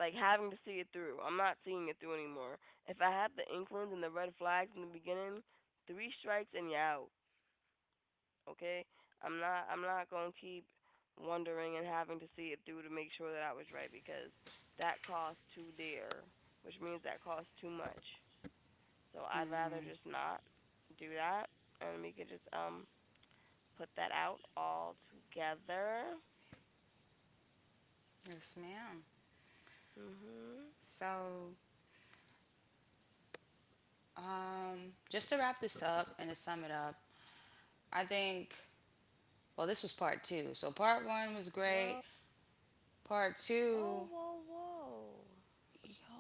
[SPEAKER 2] like having to see it through. I'm not seeing it through anymore. If I had the inklings and the red flags in the beginning, three strikes and you're out. Okay? I'm not going to keep wondering and having to see it through to make sure that I was right because that cost too dear, which means that costs too much. So I'd rather
[SPEAKER 1] Mm-hmm.
[SPEAKER 2] just not do that, and we can just put that out all together.
[SPEAKER 1] Yes, ma'am.
[SPEAKER 2] Mhm.
[SPEAKER 1] So, just to wrap this up and to sum it up, I think, well, this was part two. So part one was great.
[SPEAKER 2] Well,
[SPEAKER 1] Part
[SPEAKER 2] whoa,
[SPEAKER 1] two,
[SPEAKER 2] whoa, whoa.
[SPEAKER 1] yo,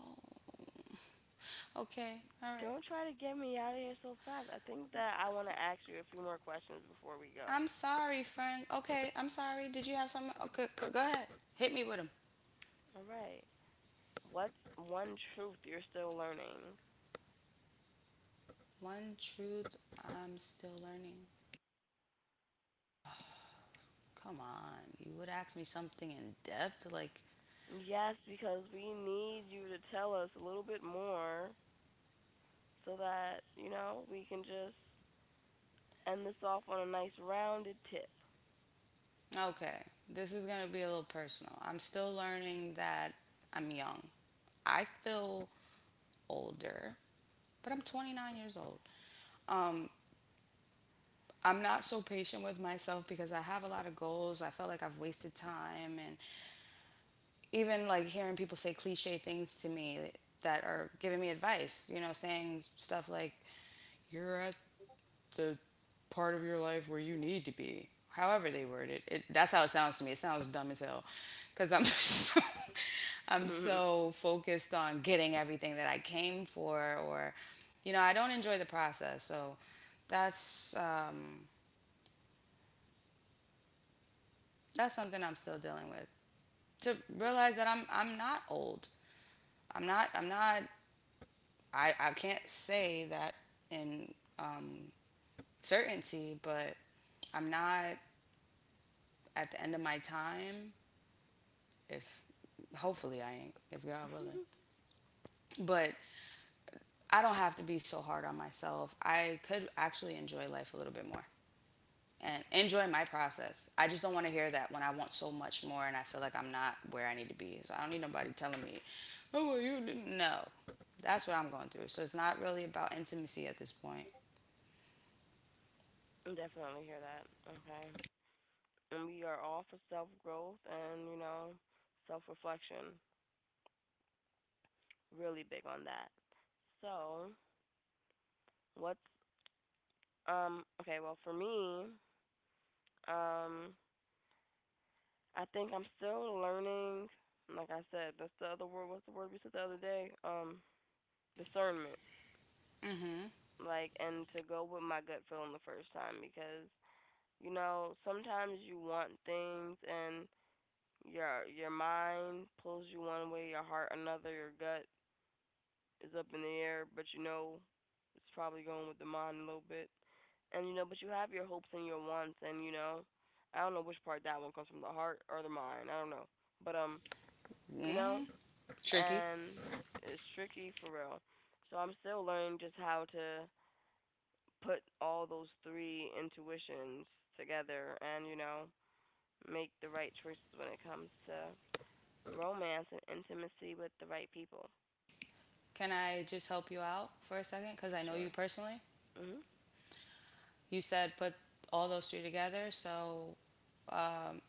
[SPEAKER 1] okay, all right.
[SPEAKER 2] Don't try to get me out of here so fast. I think that I want to ask you a few more questions before we go.
[SPEAKER 1] I'm sorry, friend. Okay, I'm sorry. Did you have something? Okay, go ahead. Hit me with him.
[SPEAKER 2] All right. What's one truth you're still learning?
[SPEAKER 1] One truth I'm still learning. Come on. You would ask me something in depth?
[SPEAKER 2] Yes, because we need you to tell us a little bit more so that, we can just end this off on a nice rounded tip.
[SPEAKER 1] Okay, this is going to be a little personal. I'm still learning that I'm young. I feel older, but I'm 29 years old. Um, I'm not so patient with myself because I have a lot of goals. I felt like I've wasted time, and even like hearing people say cliche things to me that are giving me advice, you know, saying stuff like you're at the part of your life where you need to be. However they word it. That's how it sounds to me. It sounds dumb as hell cuz I'm so I'm so focused on getting everything that I came for, or you know, I don't enjoy the process. So that's um that's something I'm still dealing with. To realize that I'm not old. I'm not I can't say that in um, certainty, but I'm not at the end of my time, if hopefully I ain't, if God willing. But I don't have to be so hard on myself. I could actually enjoy life a little bit more and enjoy my process. I just don't want to hear that when I want so much more and I feel like I'm not where I need to be. So I don't need nobody telling me, oh, well, you didn't. No, that's what I'm going through. So it's not really about intimacy at this point.
[SPEAKER 2] Definitely hear that. Okay. And we are all for self growth and, self reflection. Really big on that. So, what's, okay, well, for me, um, I think I'm still learning, like I said, that's the other word, what's the word we said the other day? Discernment
[SPEAKER 1] Mm-hmm.
[SPEAKER 2] like and to go with my gut feeling the first time because sometimes you want things and your mind pulls you one way, your heart another, your gut is up in the air, but it's probably going with the mind a little bit. And but you have your hopes and your wants and I don't know which part that one comes from, the heart or the mind. I don't know. But you know,
[SPEAKER 1] Mm-hmm. Tricky.
[SPEAKER 2] and it's tricky for real. So I'm still learning just how to put all those three intuitions together and, make the right choices when it comes to romance and intimacy with the right people.
[SPEAKER 1] Can I just help you out for a second? Because I know you
[SPEAKER 2] Sure.
[SPEAKER 1] personally.
[SPEAKER 2] Mhm.
[SPEAKER 1] You said put all those three together. So um,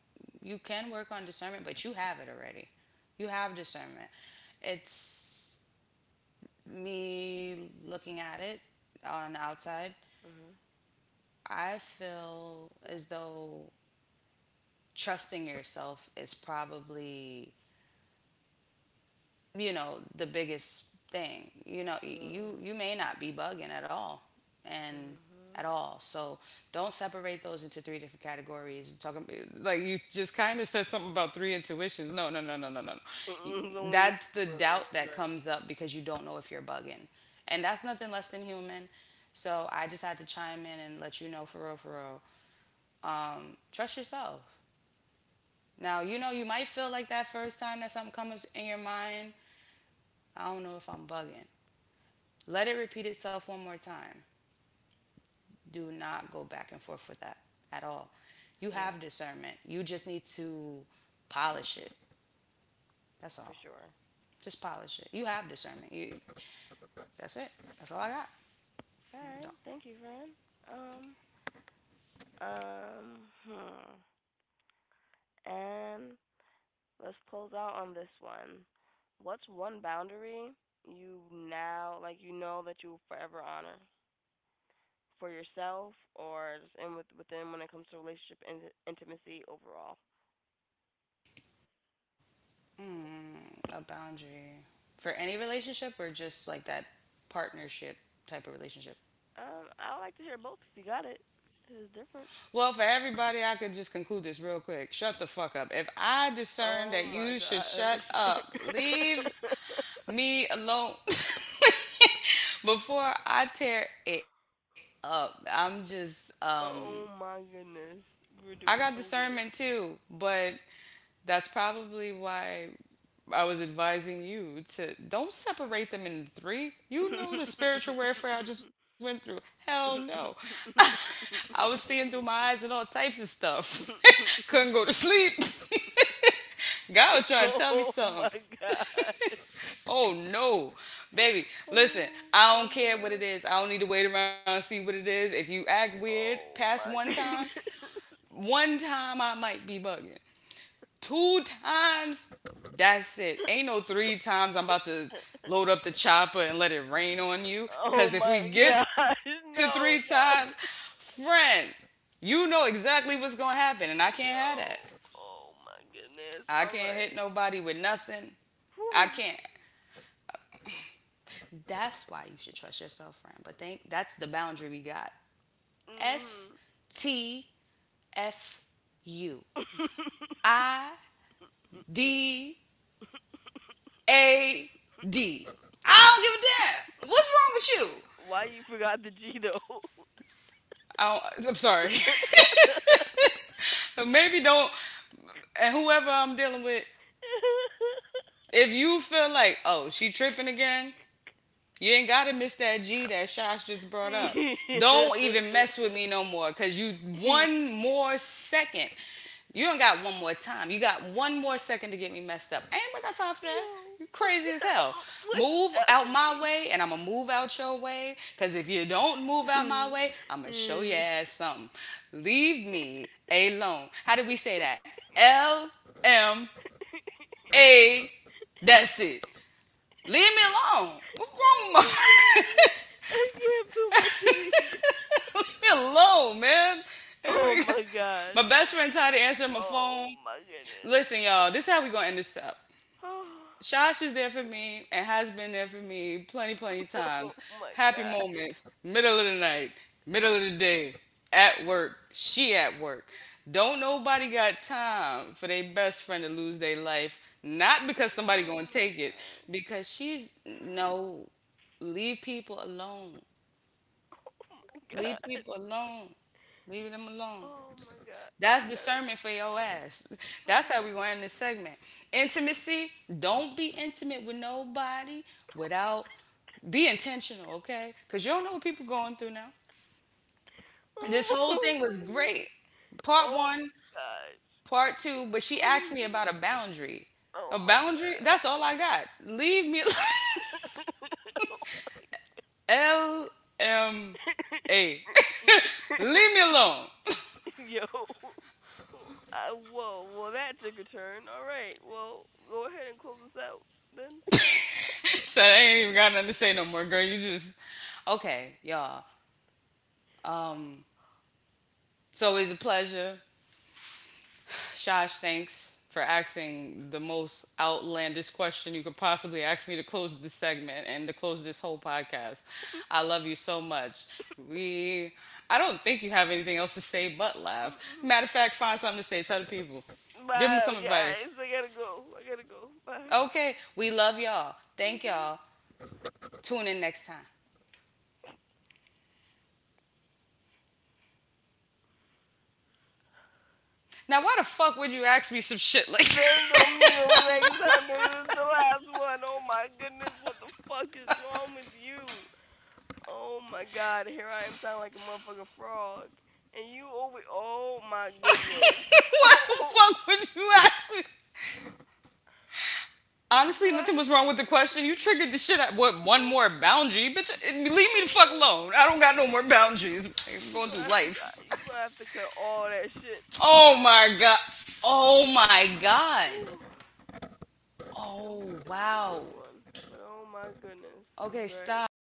[SPEAKER 1] you can work on discernment, but you have it already. You have discernment. It's me looking at it on the outside.
[SPEAKER 2] Mhm.
[SPEAKER 1] I feel as though trusting yourself is probably you know the biggest thing, you know
[SPEAKER 2] Mhm.
[SPEAKER 1] you may not be bugging at all and at
[SPEAKER 2] Mhm.
[SPEAKER 1] all, so don't separate those into three different categories talking. Like you just kind of said something about three intuitions. No, no, no, no, no, no.
[SPEAKER 2] Mm-mm, there's only one
[SPEAKER 1] That's the doubt
[SPEAKER 2] road.
[SPEAKER 1] that
[SPEAKER 2] Right.
[SPEAKER 1] comes up because you don't know if you're bugging, and that's nothing less than human, so I just had to chime in and let you know for real for real. Trust yourself. Now you know you might feel like that first time that something comes in your mind, I don't know if I'm bugging. Let it repeat itself one more time. Do not go back and forth with that at all. You
[SPEAKER 2] Yeah,
[SPEAKER 1] have discernment. You just need to polish it. That's
[SPEAKER 2] for
[SPEAKER 1] all.
[SPEAKER 2] sure.
[SPEAKER 1] Just polish it. You have discernment. That's it. That's all I got.
[SPEAKER 2] All
[SPEAKER 1] No.
[SPEAKER 2] right.
[SPEAKER 1] not
[SPEAKER 2] Thank you, friend. Um. Hmm. And let's close out on this one. What's one boundary you now like you know that you'll forever honor? For yourself or just in with within when it comes to relationship and intimacy overall?
[SPEAKER 1] Mm, a boundary for any relationship or just like that partnership type of relationship.
[SPEAKER 2] I would like to hear both if you got it. It's different.
[SPEAKER 1] Well, for everybody, I could just conclude this real quick. Shut the fuck up. If I discern that
[SPEAKER 2] Oh
[SPEAKER 1] you
[SPEAKER 2] my
[SPEAKER 1] should shut
[SPEAKER 2] gosh.
[SPEAKER 1] up, leave me alone. Before I tear it up, I'm just
[SPEAKER 2] Oh my goodness.
[SPEAKER 1] I
[SPEAKER 2] We're
[SPEAKER 1] got
[SPEAKER 2] doing so
[SPEAKER 1] discernment
[SPEAKER 2] good.
[SPEAKER 1] too, but that's probably why I was advising you to don't separate them in three. You know the spiritual warfare I just went through. Hell no. I was seeing through my eyes and all types of stuff. Couldn't go to sleep. God was trying to tell me
[SPEAKER 2] Oh
[SPEAKER 1] something.
[SPEAKER 2] my god.
[SPEAKER 1] Oh no. Baby, listen,
[SPEAKER 2] Oh
[SPEAKER 1] I don't
[SPEAKER 2] my
[SPEAKER 1] care what it
[SPEAKER 2] god.
[SPEAKER 1] is. I don't need to wait around and see what it is. If you act weird past
[SPEAKER 2] Oh
[SPEAKER 1] one
[SPEAKER 2] my
[SPEAKER 1] time,
[SPEAKER 2] goodness.
[SPEAKER 1] one time I might be bugging. Two times, that's it. Ain't no three times. I'm about to load up the chopper and let it rain on you. Cause
[SPEAKER 2] Oh
[SPEAKER 1] if we
[SPEAKER 2] my
[SPEAKER 1] get to three
[SPEAKER 2] gosh.
[SPEAKER 1] times,
[SPEAKER 2] No, no.
[SPEAKER 1] friend, you know exactly what's gonna happen, and I can't have that.
[SPEAKER 2] Yo, oh my
[SPEAKER 1] I
[SPEAKER 2] goodness.
[SPEAKER 1] can't hit
[SPEAKER 2] All right.
[SPEAKER 1] nobody with nothing. I can't.
[SPEAKER 2] Whew.
[SPEAKER 1] That's why you should trust yourself, friend. But think that's the boundary we got. S
[SPEAKER 2] Mhm.
[SPEAKER 1] T F U I D A D. I don't give a damn. What's wrong with you?
[SPEAKER 2] Why you forgot the G though?
[SPEAKER 1] I don't, I'm sorry. Maybe don't. And whoever I'm dealing with, if you feel like, oh, she tripping again, you ain't gotta miss that G that Shosh just brought up. Don't even mess with me no more, cause you one more second. You don't got one more time. You got one more second to get me messed up. Ain't nobody got time for that. You crazy as hell. Move out
[SPEAKER 2] Epic.
[SPEAKER 1] my way, and I'ma move out your way. Cause if you don't move out my
[SPEAKER 2] Mm.
[SPEAKER 1] way, I'ma show your ass something. Leave me alone. How did we say that? LMA. That's it. Leave me alone. What's wrong with my
[SPEAKER 2] I can't feel my titty.
[SPEAKER 1] me alone, man.
[SPEAKER 2] Oh
[SPEAKER 1] Anyway,
[SPEAKER 2] my gosh.
[SPEAKER 1] my best friend tired of answering my phone.
[SPEAKER 2] Oh my goodness.
[SPEAKER 1] Listen, y'all, this is how we gonna end this up. Shosh is there for me and has been there for me plenty, plenty
[SPEAKER 2] Oh
[SPEAKER 1] times.
[SPEAKER 2] my
[SPEAKER 1] Happy
[SPEAKER 2] god.
[SPEAKER 1] moments, middle of the night, middle of the day, at work, she at work. Don't nobody got time for their best friend to lose their life, not because somebody
[SPEAKER 2] Oh
[SPEAKER 1] gonna
[SPEAKER 2] my
[SPEAKER 1] take it,
[SPEAKER 2] gosh.
[SPEAKER 1] because she's no leave people alone.
[SPEAKER 2] Oh my
[SPEAKER 1] Leave
[SPEAKER 2] god.
[SPEAKER 1] people alone. Leave them alone.
[SPEAKER 2] Oh my god. You
[SPEAKER 1] That's
[SPEAKER 2] got it.
[SPEAKER 1] discernment for your ass. That's how we gonna end this segment. Intimacy. Don't be intimate with nobody without be intentional, okay? Cause you don't know what people going through now. This
[SPEAKER 2] Oh,
[SPEAKER 1] whole thing
[SPEAKER 2] oh
[SPEAKER 1] was
[SPEAKER 2] my
[SPEAKER 1] great.
[SPEAKER 2] god.
[SPEAKER 1] Part
[SPEAKER 2] Oh my
[SPEAKER 1] one,
[SPEAKER 2] gosh.
[SPEAKER 1] part two, but she asked me about a boundary.
[SPEAKER 2] Oh
[SPEAKER 1] A
[SPEAKER 2] my
[SPEAKER 1] boundary? That's all I got. Leave me LMA. Leave me alone.
[SPEAKER 2] Yo. Whoa. Well, that took a turn. All right. Well, go ahead and close us out then.
[SPEAKER 1] Shut. Up, I ain't even got nothing to say no more, girl. You just okay, y'all. Um, so it's a pleasure, Shosh. Thanks for asking the most outlandish question you could possibly ask me to close this segment and to close this whole podcast. I love you so much. We. I don't think you have anything else to say but laugh.
[SPEAKER 2] Mm-mm.
[SPEAKER 1] Matter of fact, find something to say. Tell the people. Give them some
[SPEAKER 2] Bye, guys.
[SPEAKER 1] advice.
[SPEAKER 2] I gotta go. I gotta go. Bye.
[SPEAKER 1] Okay, we love y'all. Thank y'all. Tune in next time. Now, why the fuck would you ask me some shit like
[SPEAKER 2] They ain't gonna meet him next time, nigga. This is the last one. Oh my goodness, what the fuck is wrong with you? Oh my god, here I am sounding like a motherfucking frog. And you over. Oh my goodness.
[SPEAKER 1] what the
[SPEAKER 2] Oh,
[SPEAKER 1] fuck would you ask me?
[SPEAKER 2] it was the
[SPEAKER 1] Honestly, nothing was
[SPEAKER 2] last
[SPEAKER 1] wrong with the
[SPEAKER 2] question.
[SPEAKER 1] question. You triggered the shit out. What, one
[SPEAKER 2] Oh
[SPEAKER 1] more boundary? Bitch, leave me the fuck alone. I
[SPEAKER 2] my
[SPEAKER 1] don't got no more
[SPEAKER 2] goodness.
[SPEAKER 1] boundaries. Like, I'm
[SPEAKER 2] You
[SPEAKER 1] going
[SPEAKER 2] gonna
[SPEAKER 1] through
[SPEAKER 2] have to
[SPEAKER 1] life.
[SPEAKER 2] you gonna have to cut all that shit.
[SPEAKER 1] Oh my God. Oh my God.
[SPEAKER 2] Whew. It was
[SPEAKER 1] Oh,
[SPEAKER 2] it was a
[SPEAKER 1] wow.
[SPEAKER 2] good one, but oh my goodness, it's
[SPEAKER 1] Okay,
[SPEAKER 2] very
[SPEAKER 1] stop.